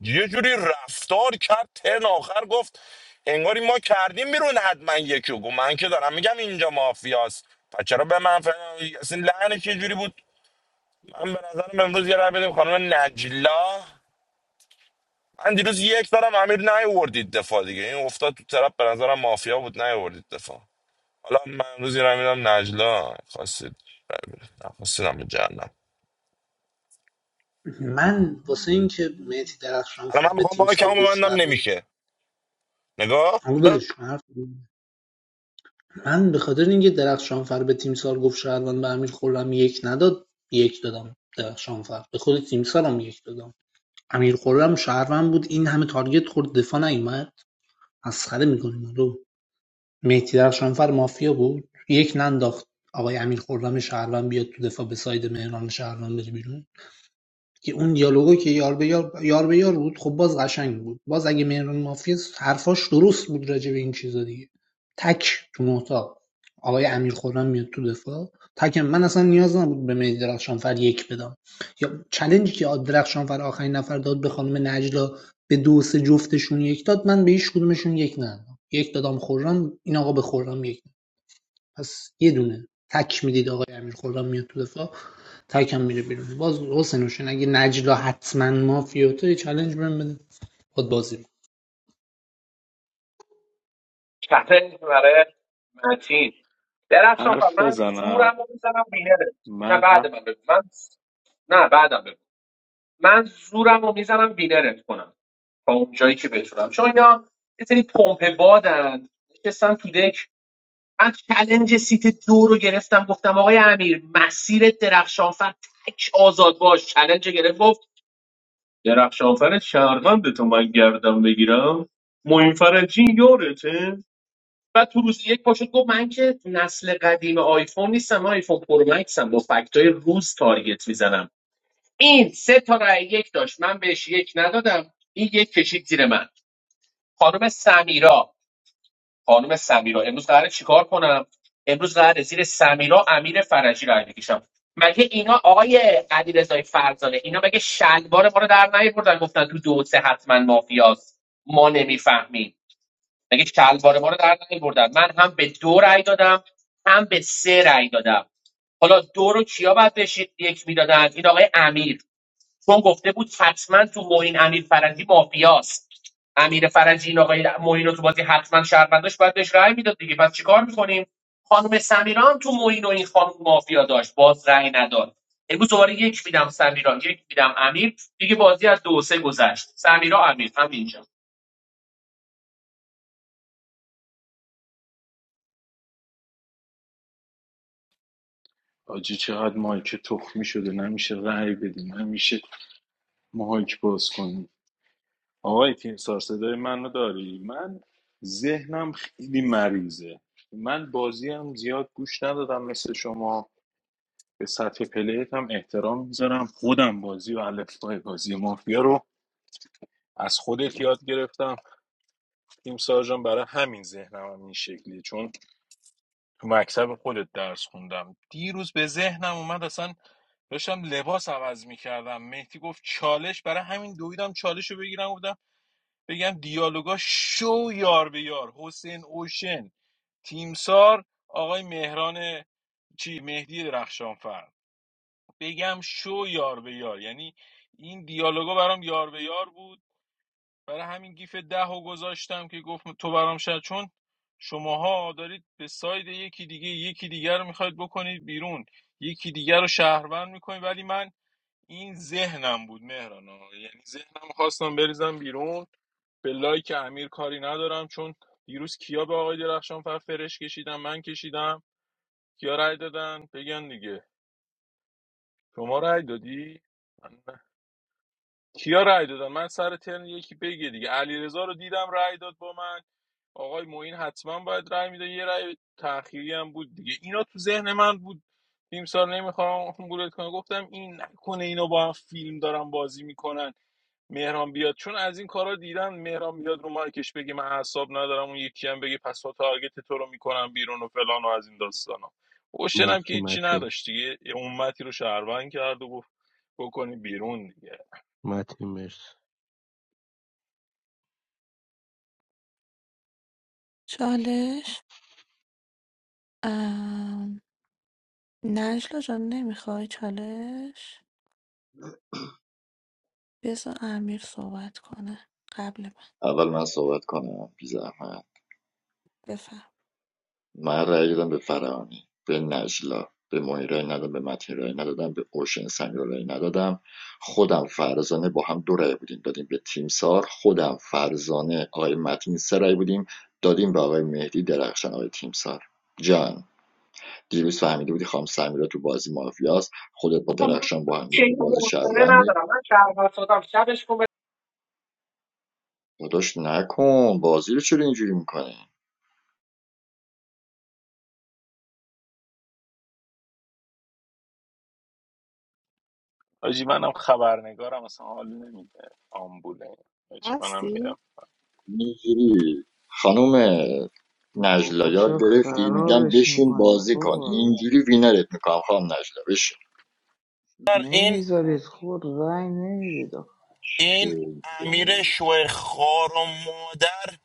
یه جوری رفتار کرد ترن آخر گفت انگاری ما کردیم بیرون حتما یکی رو. گفت من که دارم میگم اینجا مافیاست پس چرا به من فهم اصلا لعنش یه جوری بود من به نظرم امروز یه رای بدیم خانم نجلا من دیروز یک دارم امیر نیوردید دفاع دیگه این افتاد تو طرف به نظرم مافیا بود نیوردید دفاع حالا من امروز یه میرم نجلا خواستید خواستیدم به جهنم من واسه اینکه مهدی درخشان حالا فر من به میخوام تیم با سال کمو گفت ببندم شهروند نمیشه نگاه همون بر بدش کن، حرف من به خاطر اینکه درخشانفر به تیمسار گفت شهروند به امیر خرم یک نداد یک دادم درخشانفر به خود تیمسارم یک دادم امیر خرم شهروند بود این همه تارگت خورد دفاع نیومد مسخره میکنیم رو مهدی درخشانفر مافیا بود یک ننداخت آقای امیر خرم شهروند بیاد تو دفاع به ساید مهران شهروند بره بیرون که اون دیالوگایی که یار به یار, یار به یار بود خب باز قشنگ بود باز اگه مهران مافیا حرفاش درست بود راجع به این چیزا دیگه تک تو نوتا آقای امیر خورم میاد تو دفاع تکم من اصلا نیاز نبود به مهدی درخشانفر یک بدم یا چلنجی که درخشانفر آخرین نفر داد به خانم نجلا به دو سه جفتشون یک داد من به هیچ کدومشون یک ندادم یک دادم خورم این آقا به خورم یک پس یه دونه تک میدید آقای امیر خرم میاد تو دفاع تک هم میره بیرون باز حسین حسین اگه نجلا حتما مافیا تو یه چالش بهم بده باد بازی چطه برای متین درخشان فر حرف من بزنم زورم رو میزنم وینرت نه من بعد من بگو من نه بعدم بگو من زورم رو میزنم وینرت کنم تا اون جایی که بتونم چون اینا یه سری پمپ بادن نشستن تو دک من چلنج سیت دو رو گرفتم گفتم آقای امیر مسیر درخشانفر تک آزاد باش چلنج گرفت گفت درخشانفر شهروند تو من گردم بگیرم معین فرجی یارته بعد تو روز یک پاشد گفت من که نسل قدیم آیفون نیستم من آیفون پرو مکسم با فکتای روز تارگت میزنم این سه تا رای یک داشت من بهش یک ندادم این یک کشید زیر من خانم سمیرا خانم سمیرا امروز قراره چیکار کنم امروز قراره زیر سمیرا امیر فرجی رای بکشم مگه اینا آقای علیرضای فرزانه اینا مگه شلوار ما رو در نیاوردن گفتن تو دو و سه حتما مافیاست ما نمیفهمیم مگه شلوار ما رو در نیاوردن من هم به دو رای دادم هم به سه رای دادم حالا دو رو کیا باید بشید یک میدادن این آقای امیر چون گفته بود حتما تو معین امیر فرجی مافیاست امیر فرجی این آقای معین رو تو بازی حتما شهرونداش باید بهش رأی میداد دیگه پس چیکار میکنیم خانم سمیرا هم تو معین و این خانم مافیا داشت باز رأی نداد امروز دوباره یک میدم سمیرا یک میدم امیر دیگه بازی از دو و سه گذشت سمیرا امیر همینجا آجی چقدر مایک تخمی شده نمیشه رأی بدیم نمیشه مایک باز کنیم آقای تیم سار صدای منو داری من ذهنم خیلی مریضه من بازی هم زیاد گوش ندادم مثل شما به سطح پلیت هم احترام میذارم خودم بازی و الفبای بازی مافیا رو از خودت یاد گرفتم تیم سارجان برای همین ذهنم هم این شکلیه چون تو مکتب خودت درس خوندم دیروز به ذهنم اومد اصلا داشتم لباس عوض میکردم مهدی گفت چالش برای همین دویدم چالش رو بگیرم گفتم بگم دیالوگا شو یار به یار حسین اوشن تیمسار آقای مهران چی مهدی درخشانفر بگم شو یار به یار یعنی این دیالوگا برام یار به یار بود برای همین گیف ده رو گذاشتم که گفت تو برام شد چون شماها دارید به ساید یکی دیگه یکی دیگر رو میخواید بکنید بیرون یکی دیگر رو شهروند میکنید ولی من این ذهنم بود مهران مهرانا یعنی ذهنم خواستم بریزم بیرون به لایک امیر کاری ندارم چون دیروز کیا به آقای درخشان فر فرش کشیدم من کشیدم کیا رای دادن بگن دیگه شما رأی دادی من کیا رأی دادن من سر ترن یکی بگه دیگه علیرضا رو دیدم رأی داد با من آقای معین حتما باید رأی میده یه رأی تأخیری هم بود دیگه اینا تو ذهن من بود نیم سال نمیخوام بولت کنم گفتم این نکنه اینا با هم فیلم دارن بازی میکنن مهران بیاد چون از این کارا دیدم مهران بیاد رو مارکش بگه من اعصاب ندارم اون یکی هم بگه پس تو تارگت تو رو میکنم بیرون و فلان و از این داستانا اوشن که مرسی هیچی متین نداشت دیگه یه امتی رو شهروند کرد و گفت بکنی بیرون دیگه متین مرسی چالش ام... نجلا جان نمیخوای چالش بذار امیر صحبت کنه قبل من اول من صحبت کنم بی زحمت بفهم من رأی دادم به فرانی به نجلا به مانی رأی ندادم به متین رأی ندادم به اوشن سنگا رأی ندادم خودم فرزانه با هم دو رأی بودیم دادیم به تیم سار خودم فرزانه آقای متین سه رأی بودیم دادیم به آقای مهدی درخشان آقای تیم سار دیروز فهمیده بودی خام سمیرا تو بازی مافیاست خودت با آقا من درخشان با هم چیزی تو بازی حوصله شهروندی ندارم من شهروند شدم شبش کن داداش نکن بازی رو چرا اینجوری میکنی حاجی منم خبرنگارم اصلا حال نمیده آمبوله حاجی منم میرم هستی؟ اینجوری خانم نجلا خب یاد چرا گرفتی میگم خرابش بشین میکنید بازی کن بابا اینجوری وینرت میکنم خانم نجلا بشین این نمیذارید خود رای نمیدید آخه. این شوی. امیر شوه خار و مادر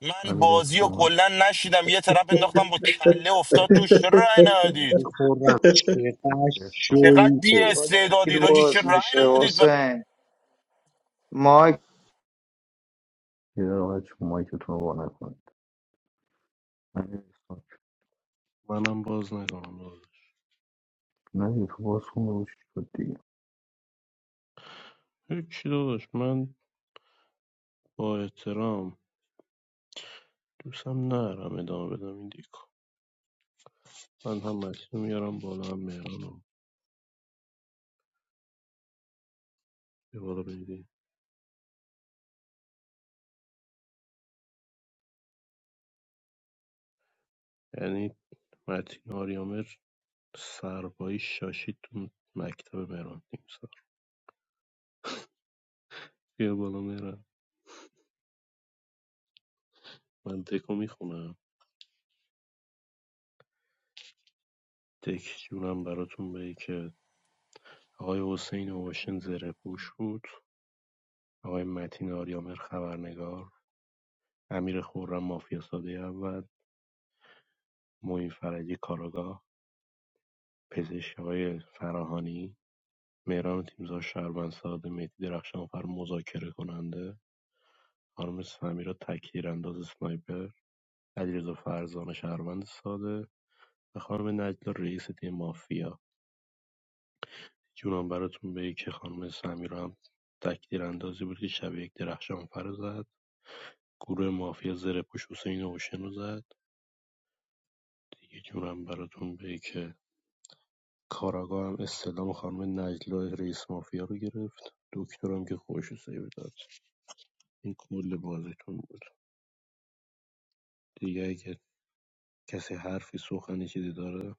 من امیر بازی و استانک کلا نشیدم یه طرف انداختم با کله افتاد توش چرا رای ندادید خوردم چقدر امیر استانک چقدر شوی بی تو استعدادید آجی چه باز رای میشه ندادید و حسین مایک یه دقیقه بچه مایکتون رو با نکنید امیر استانک منم باز نکنم داداش نه دیگه تو باز خونه باشی شد دیگه هیچی داداش من با احترام دوستم نرم ادامه بدم این دیکو من هم متین میارم بالا هم مهرانم یه بالا بگیری یعنی متین آریامر سربایی شاشید تو مکتب مهران تیم سر بیا بالا مهران من دکو میخونم دک جونم براتون به که آقای حسین اوشن زره پوش بود آقای متین آریامر خبرنگار امیر خورم مافیا ساده اول معین فرجی کاراگاه پزشک‌های فراهانی، مهران تیمسار شهروندساده، مهدی درخشانفر مذاکره کننده، خانم سمیرا تکتیرانداز اسنایپر، علیرضا فرزانه شهروند ساده و خانم نجلا رئیس تیم مافیا جونم براتون بگه که خانم سمیرا هم تکتیراندازی بود که شب یک درخشانفر رو زد گروه مافیا زره پوش حسین اوشن رو زد دیگه جونم براتون بگه که کاراگاه هم استلام خانم نجلا رئیس مافیا رو گرفت دکترم که خوش سیو داد این کل بازیتون بود دیگه اگه کسی حرفی سخنی چیزی داره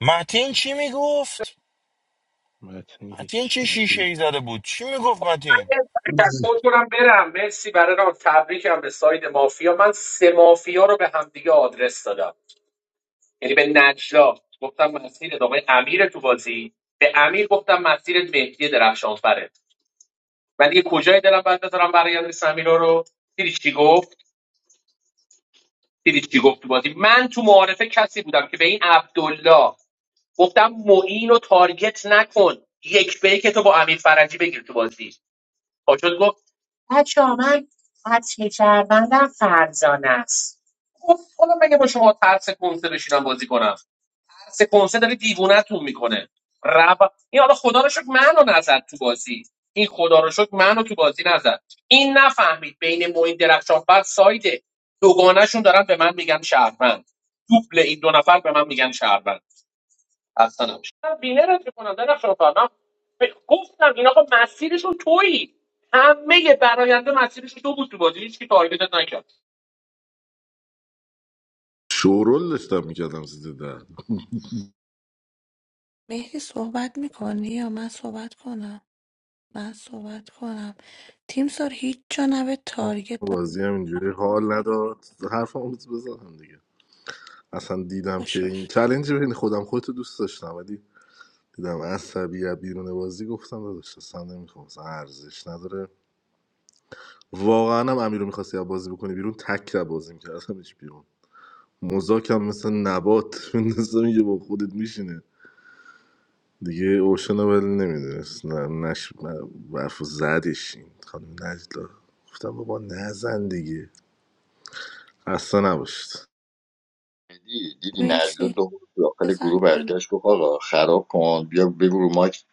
متین چی میگفت متین متین هیچ چه متن شیشه ای زده بود چی میگفت من متین یه تشکر کنم برم مرسی برای راه تبریکم به ساید مافیا من سه مافیا رو به همدیگه آدرس دادم یعنی به نجلا گفتم مسیر آقای امیر تو بازی به امیر گفتم مسیر مهدی درخشانفره من دیگه کجای دلم بعد بذارم برای یاد سمیرا رو دیدی چی گفت دیدی چی گفت تو بازی من تو معارفه کسی بودم که به این عبدالله گفتم معین رو تارگت نکن یک به یک تو با امیر فرجی بگیر تو بازی پاشد گفت بچه من قطعی کردن فرزانه است خب حالا مگه با شما ترس کنسه بشینم بازی کنم سه کنسه داره دیوونتون میکنه رب این حالا خدا رو شکر منو نزد تو بازی این خدا رو شکر منو تو بازی نزد این نفهمید بین موین درخشانفر سایده دوگانهشون دارن به من میگن شهروند دوبل این دو نفر به من میگن شهروند اصلا نمیشه من وینرت میکنم درخشانفر من ب- گفتم این آقا مسیرشون تویی همه براینده مسیرشون تو بود تو بازی هیچ کی تارگتت نکرد شورول داشتم میکردم زیده در مهدی صحبت میکنی یا من صحبت کنم من صحبت کنم تیم سار هیچ جا نبه تارگت بازی هم اینجوری حال نداد حرف هم بزنم دیگه اصلا دیدم که داشته این باشه چلنج بین خودم خودتو دوست داشتم ولی دیدم عصبی از بیرون بازی گفتم داداش اصلا نمیخوام اصلا ارزش نداره واقعا هم امیر رو میخواستی بازی بکنی بیرون تک رو بازی میکردمش بیرون مزاکم مثل نبات میندازم یه با خودت میشینه دیگه اوشن رو ولی نمیدونست نه نش برف زدش این خانم نجلا گفتم بابا نزن دیگه اصلا نباشید دی دیدی نجلا میسی دو داخل بزن گروه برگشت گفت آقا خراب کن بیا بگو رو مایک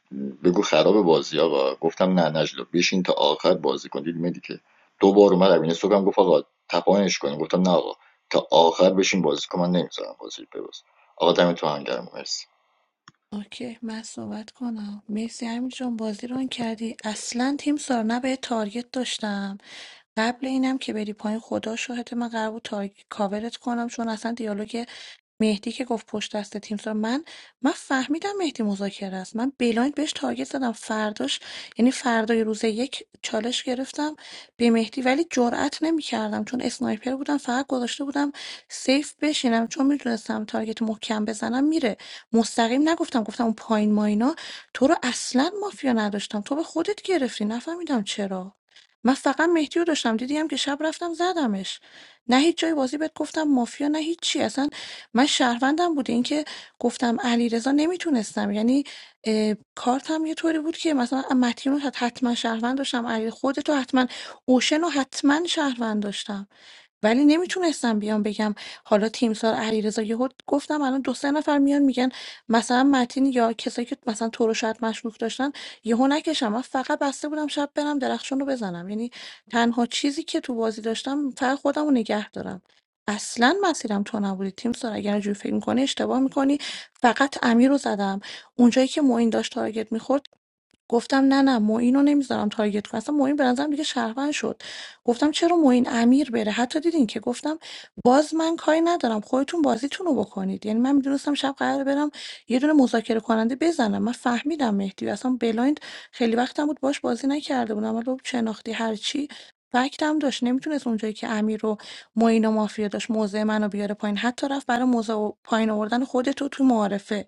بگو خراب بازی آقا گفتم نه نجلا بشین تا آخر بازی کن دیدی مدی که دو بار اومد امین صبح هم گفت آقا تپانش کنیم گفتم نه آقا تا آخر بشین بازی کن من نمیذارم بازی بباز آقا دم تو هم گرم مرسی اوکی من صحبت کنم مرسی همین جان بازی ران کردی اصلا تیم سارا به تارگت داشتم قبل اینم که بری پایین خدا شاهد من قرار بود تارگ... کاورت کنم چون اصلا دیالوگ مهدی که گفت پشت دست تیم سارا من من فهمیدم مهدی مذاکره است من بلایند بهش تارگت زدم فرداش یعنی فردای روز یک چالش گرفتم به مهدی ولی جرئت نمیکردم چون اسنایپر بودم فقط گذاشته بودم سیف بشینم چون میدونستم تارگت محکم بزنم میره مستقیم نگفتم گفتم اون پایین ما اینا تو رو اصلا مافیا نداشتم تو به خودت گرفتی نفهمیدم چرا من فقط مهدی رو داشتم دیدی هم که شب رفتم زدمش نه هیچ جای بازی بهت گفتم مافیا نه هیچ چی اصلا من شهروندم بوده این که گفتم علیرضا نمیتونستم یعنی اه، کارتم یه طوری بود که مثلا متین رو حتما شهروند داشتم علی خودتو حتما اوشن رو حتما شهروند داشتم ولی نمیتونستم بیام بگم حالا تیمسار علیرضا یهو گفتم الان دو سه نفر میان میگن مثلا متین یا کسایی که مثلا تو رو شاید مشکوک داشتن یهو نکشم من فقط بسته بودم شب برم درخشان رو بزنم یعنی تنها چیزی که تو بازی داشتم فقط خودم رو نگه دارم اصلا مسیرم تو نبودی تیم سار اگر اینجوری فکر میکنی اشتباه میکنی فقط امیر رو زدم اونجایی که معین داشت تارگت میخورد گفتم نه نه معین رو نمیذارم تارگت کنم اصلا معین به نظرم دیگه شهروند شد گفتم چرا معین امیر بره حتی دیدین که گفتم باز من کاری ندارم خودتون بازیتون رو بکنید یعنی من میدونستم شب قرار برم یه دونه مذاکره کننده بزنم من فهمیدم مهدی اصلا بلایند خیلی وقتم بود باش بازی نکرده بودم ولی شناختی هرچی فکتم داشت نمیتونست اونجایی که امیر رو معین و مافیا داشت موضع منو بیاره پایین حتی رفت برای موضع و- پایین آوردن خودتو تو معارفه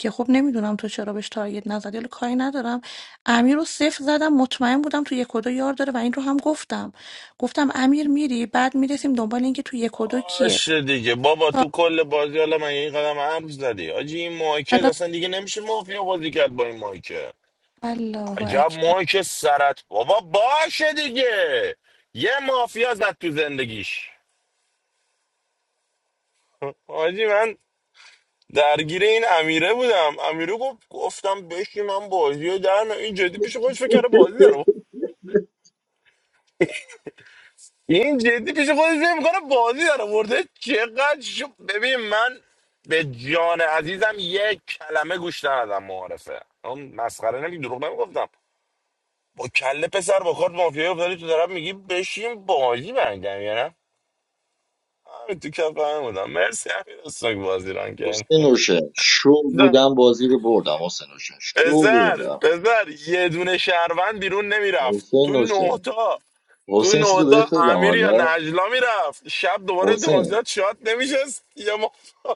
که خب نمیدونم تو چرا بهش تارگت نزدی حالا کاری ندارم امیر رو صفر زدم مطمئن بودم تو یک و دو یار داره و این رو هم گفتم گفتم امیر میری بعد میرسیم دنبال اینکه تو یک و دو کیه باشه دیگه بابا تو کل بازی حالا من این قدم عرض زدی آجی این مایکل حالا اصلا دیگه نمیشه مافیا بازی کرد با این مایکل الله عجب اکبر مایک سرت بابا باشه دیگه یه مافیا زد تو زندگیش آجی من درگیر این امیره بودم امیره گفت گفتم بشی من بازی رو در نه. این جدی پیش خودش فکر کرده بازی داره این جدی پیش خودش فکر میکنه بازی داره ورده چقدر شو... ببین من به جان عزیزم یک کلمه گوش ندادم معارفه اون مسخره نمیگی دروغ نمیگفتم با کله پسر با کارت مافیا افتادی تو طرف میگی بشین بازی برگم یا نه همین تو کف همه بودم مرسی همین استاک بازی ران کرد حسین نوشه شو بودم بازی رو بردم حسین نوشه شو پسر بردم پسر یه دونه شهروند بیرون نمیرفت حسین تو نه نوشه تا تو حسین چیزی رو نوتا بهت بگم امیر یا حالا نجلا میرفت شب دوباره حسین دوازده شات نمیشست یا ما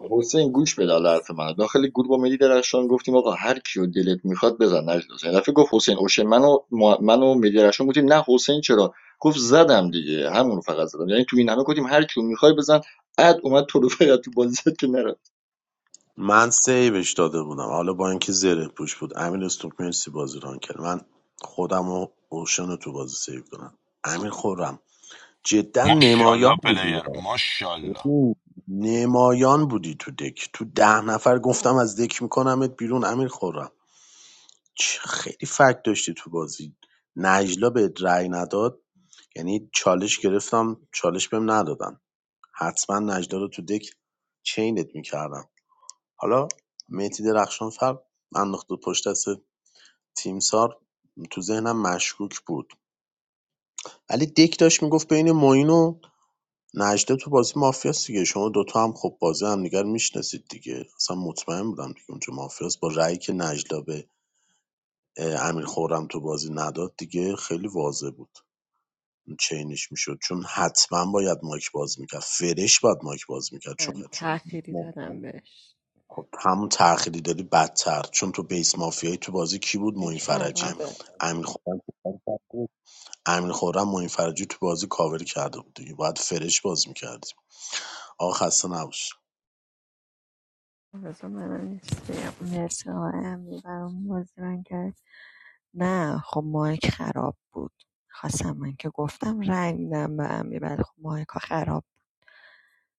حسین گوش بده حالا حرف منو داخل گروه با مدی درخشان گفتیم آقا هر کیو دلت میخواد بزن نجلاس یه دفعه گفت حسین اوشه منو ما- منو مدی درخشان گفتیم نه حسین چرا گفت زدم دیگه همونو فقط زدم یعنی تو این همه گفتیم هر کیو میخوای بزن اد اومد تو رو فقط تو بازی زد که نره من سیوش داده بودم حالا با اینکه زره پوش بود امین استوک مرسی بازی ران کرد من خودم و اوشن رو تو بازی سیو کنم امین خورم جدا نمایان ماشاءالله بودی پلیر ماشاءالله ببین، نمایان بودی تو دک تو ده نفر گفتم از دک میکنمت بیرون امین خورم چه- خیلی فکت داشتی تو بازی نجلا به رأی نداد یعنی چالش گرفتم چالش بهم ندادن حتما نجلا رو تو دک چینت میکردم حالا مهدی درخشان فر انداخته پشت دست تیمسار تو ذهنم مشکوک بود ولی دک داشت میگفت بین معین و نجلا تو بازی مافیاست دیگه شما دوتا هم خب بازی هم همدیگر میشناسید دیگه اصلا مطمئن بودم دیگه اونجا مافیاست با رأیی که نجلا به اه، امیر خورم تو بازی نداد دیگه خیلی واضح بود چینش میشد چون حتما باید مایک باز میکرد فرش باید مایک باز میکرد من یا چون چون تأخیری ما- دادم بهش خب همون تأخیری داری بدتر چون تو بیس مافیایی تو بازی کی بود این معین فرجی خرابه امین خورم امین خورم معین فرجی تو بازی کاور کرده بود دیگه باید فرش باز میکردیم آقا خسته نباش بذار منم یه چیزی بگم. مرسی آقای امیر برام بازی رنگ کرد نه خب مایک خراب بود خواستم من که گفتم رنگ میدم به امیر بعد خب مایک ها خراب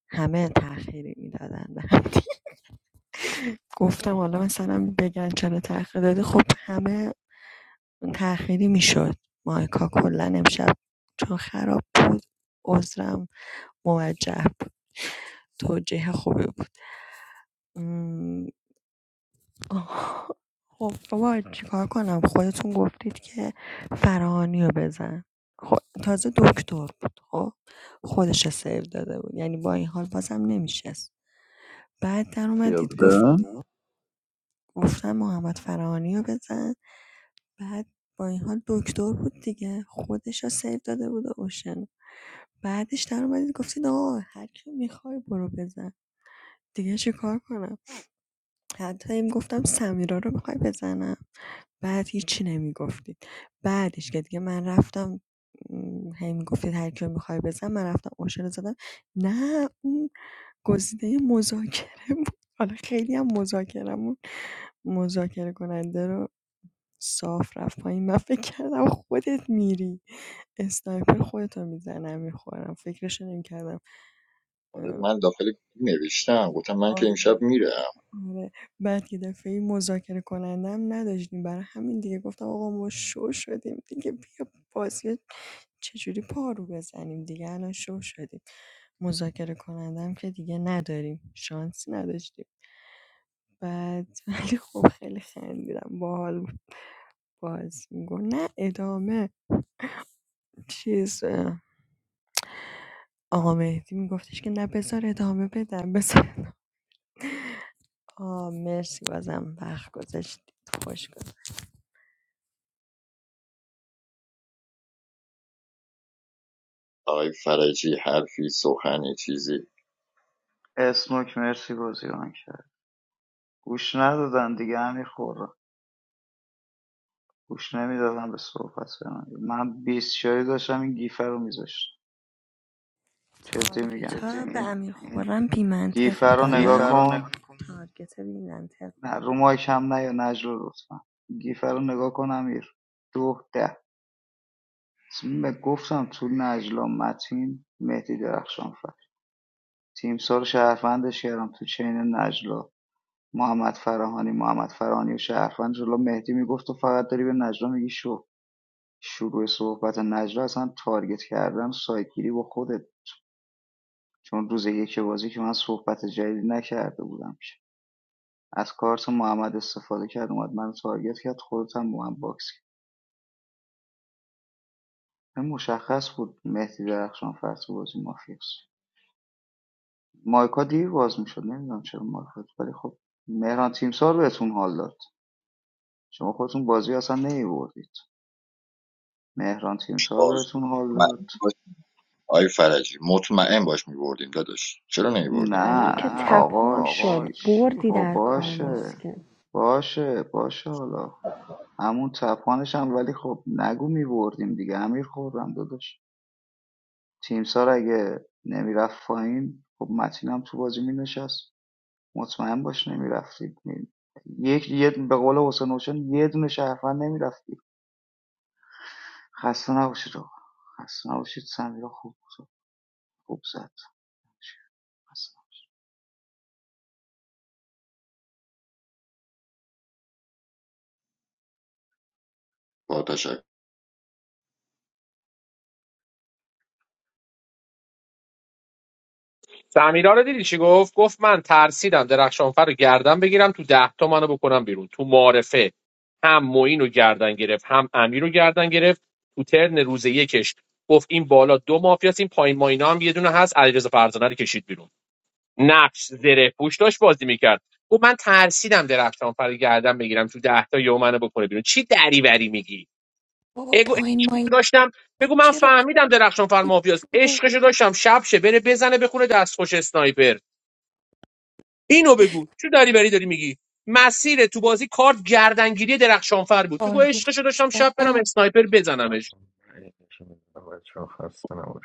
همه تأخیری میدادن به هم دیگه. گفتم حالا مثلا بگن چرا تأخیر دادی خب همه تأخیری میشد مایکا کلا امشب چون خراب بود عذرم موجه بود توجیه خوبی بود آها. خب بابا چیکار کنم خودتون گفتید که فراهانی رو بزن خب تازه دکتر بود خب خودش رو سیو داده بود یعنی با این حال بازم نمیشست بعد در اومدید گفت بودم گفتم محمد فراهانی رو بزن بعد با این حال دکتر بود دیگه خودش رو سیو داده بود و اوشن بعدش در اومدید گفتید آقا هر کی میخوای برو بزن دیگه چیکار کنم حتی گفتم می‌گفتم سمیرا رو میخوای بزنم بعد هیچی نمیگفتید بعدش که دیگه من رفتم م، هی میگفتید هر کیو میخوای بزن من رفتم اوشن رو زدم نه اون گزینه مذاکره بود حالا خیلی هم مذاکرمون مذاکره کننده رو صاف رفت پایین من فکر کردم خودت میری اسنایپر خودتو میزنم میخورم فکرش نمیکردم من داخل نوشتم گفتم من که آره امشب میرم آره، بعد یه دفعه مذاکره کنندم نداشتیم برای همین دیگه گفتم آقا ما شو شدیم دیگه بیا بازی چجوری پارو بزنیم دیگه الان شو شدیم مذاکره کنندم که دیگه نداریم شانسی نداشتیم بعد ولی خب خیلی خندیدم باحال بود باز میگفت نه ادامه چیز اه، آقا مهدی میگفتش که نه بذار ادامه بدم بذار آه مرسی بازم وقت گذاشتید خوش گذشت آقای فرجی حرفی سخنی چیزی اسموک مرسی بازی ران کرد گوش ندادن دیگه همین خورا گوش نمیدادن به صحبت من من بیست شایی داشتم این گیفه رو میذاشتم جدی میگم تارگتها به این امیر خورم بیمنطق گیفر گیفه رو بودن نگاه گیفر کن تارگت بیمنطق نه بود رو مایک هم نه یا نجلا لطفا گیفه رو نگاه کن امیر دو ده اسم- گفتم تو نجلا متین مهدی درخشان فر تیم سال شهروندش کردم تو چین نجلا محمد فراهانی محمد فراهانی و شهروند جلو مهدی میگفت تو فقط داری به نجلا میگی شو شروع صحبت نجلا اصلا تارگت کردم سایگیری با خودت چون روز یک بازی که من صحبت جدیدی نکرده بودم که از کارت محمد استفاده کرد اومد من تارگت کرد خودت هم با من باکس کرد مشخص بود مهدی درخشان فرس بازی مافیاست مایکا دیر باز میشد نمیدونم چرا مایکا ولی خب مهران تیمسار بهتون حال داد شما خودتون بازی اصلا نمیبردید مهران تیمسار بازی بهتون حال داد مطمئن باش آقای فرجی مطمئن باش میبردیم داداش چرا نمیبردیم نه الان که آقا تپان شد چی بردی خب در کار نیست باشه که. باشه باشه حالا همون تپانش هم ولی خب نگو میبردیم دیگه امیر خوردم داداش تیمسار اگه نمیرفت پایین خب متین هم تو بازی مینشست مطمئن باش نمیرفتید می... یک یه به قول حسین حسین یه دونه شهروند نمیرفتید خسته نباشید آقا خسته نباشید سمیرا خوب خوب زد با تشکر سمیرا رو دیدی چی گفت گفت من ترسیدم درخشانفر رو گردن بگیرم تو ده تا منو بکنم بیرون تو معارفه هم معین رو گردن گرفت هم امیر رو گردن گرفت تو ترن روز یکش گفت این بالا دو مافیاست این پایین ماینا هم یه دونه هست علیرضا فرزانه رو کشید بیرون نقش زره پوش داشت بازی میکرد گفت من ترسیدم درخشانفر رو گردن بگیرم تو ده تا یهو منو بکنه بیرون چی دریوری میگی بابا اگو پایین عشقشو ماین داشتم بگو من چرا به فهمیدم درخشانفر مافیاست خود رو عشقشو داشتم شب شه بره بزنه بخونه دستخوش اسنایپر اینو بگو چه دریوری داری میگی مسیر تو بازی کارت گردنگیری درخشانفر بود بگو تارگت عشقشو داشتم شب زدم برم اسنایپر بزنمش بچه ها خسته نباشید.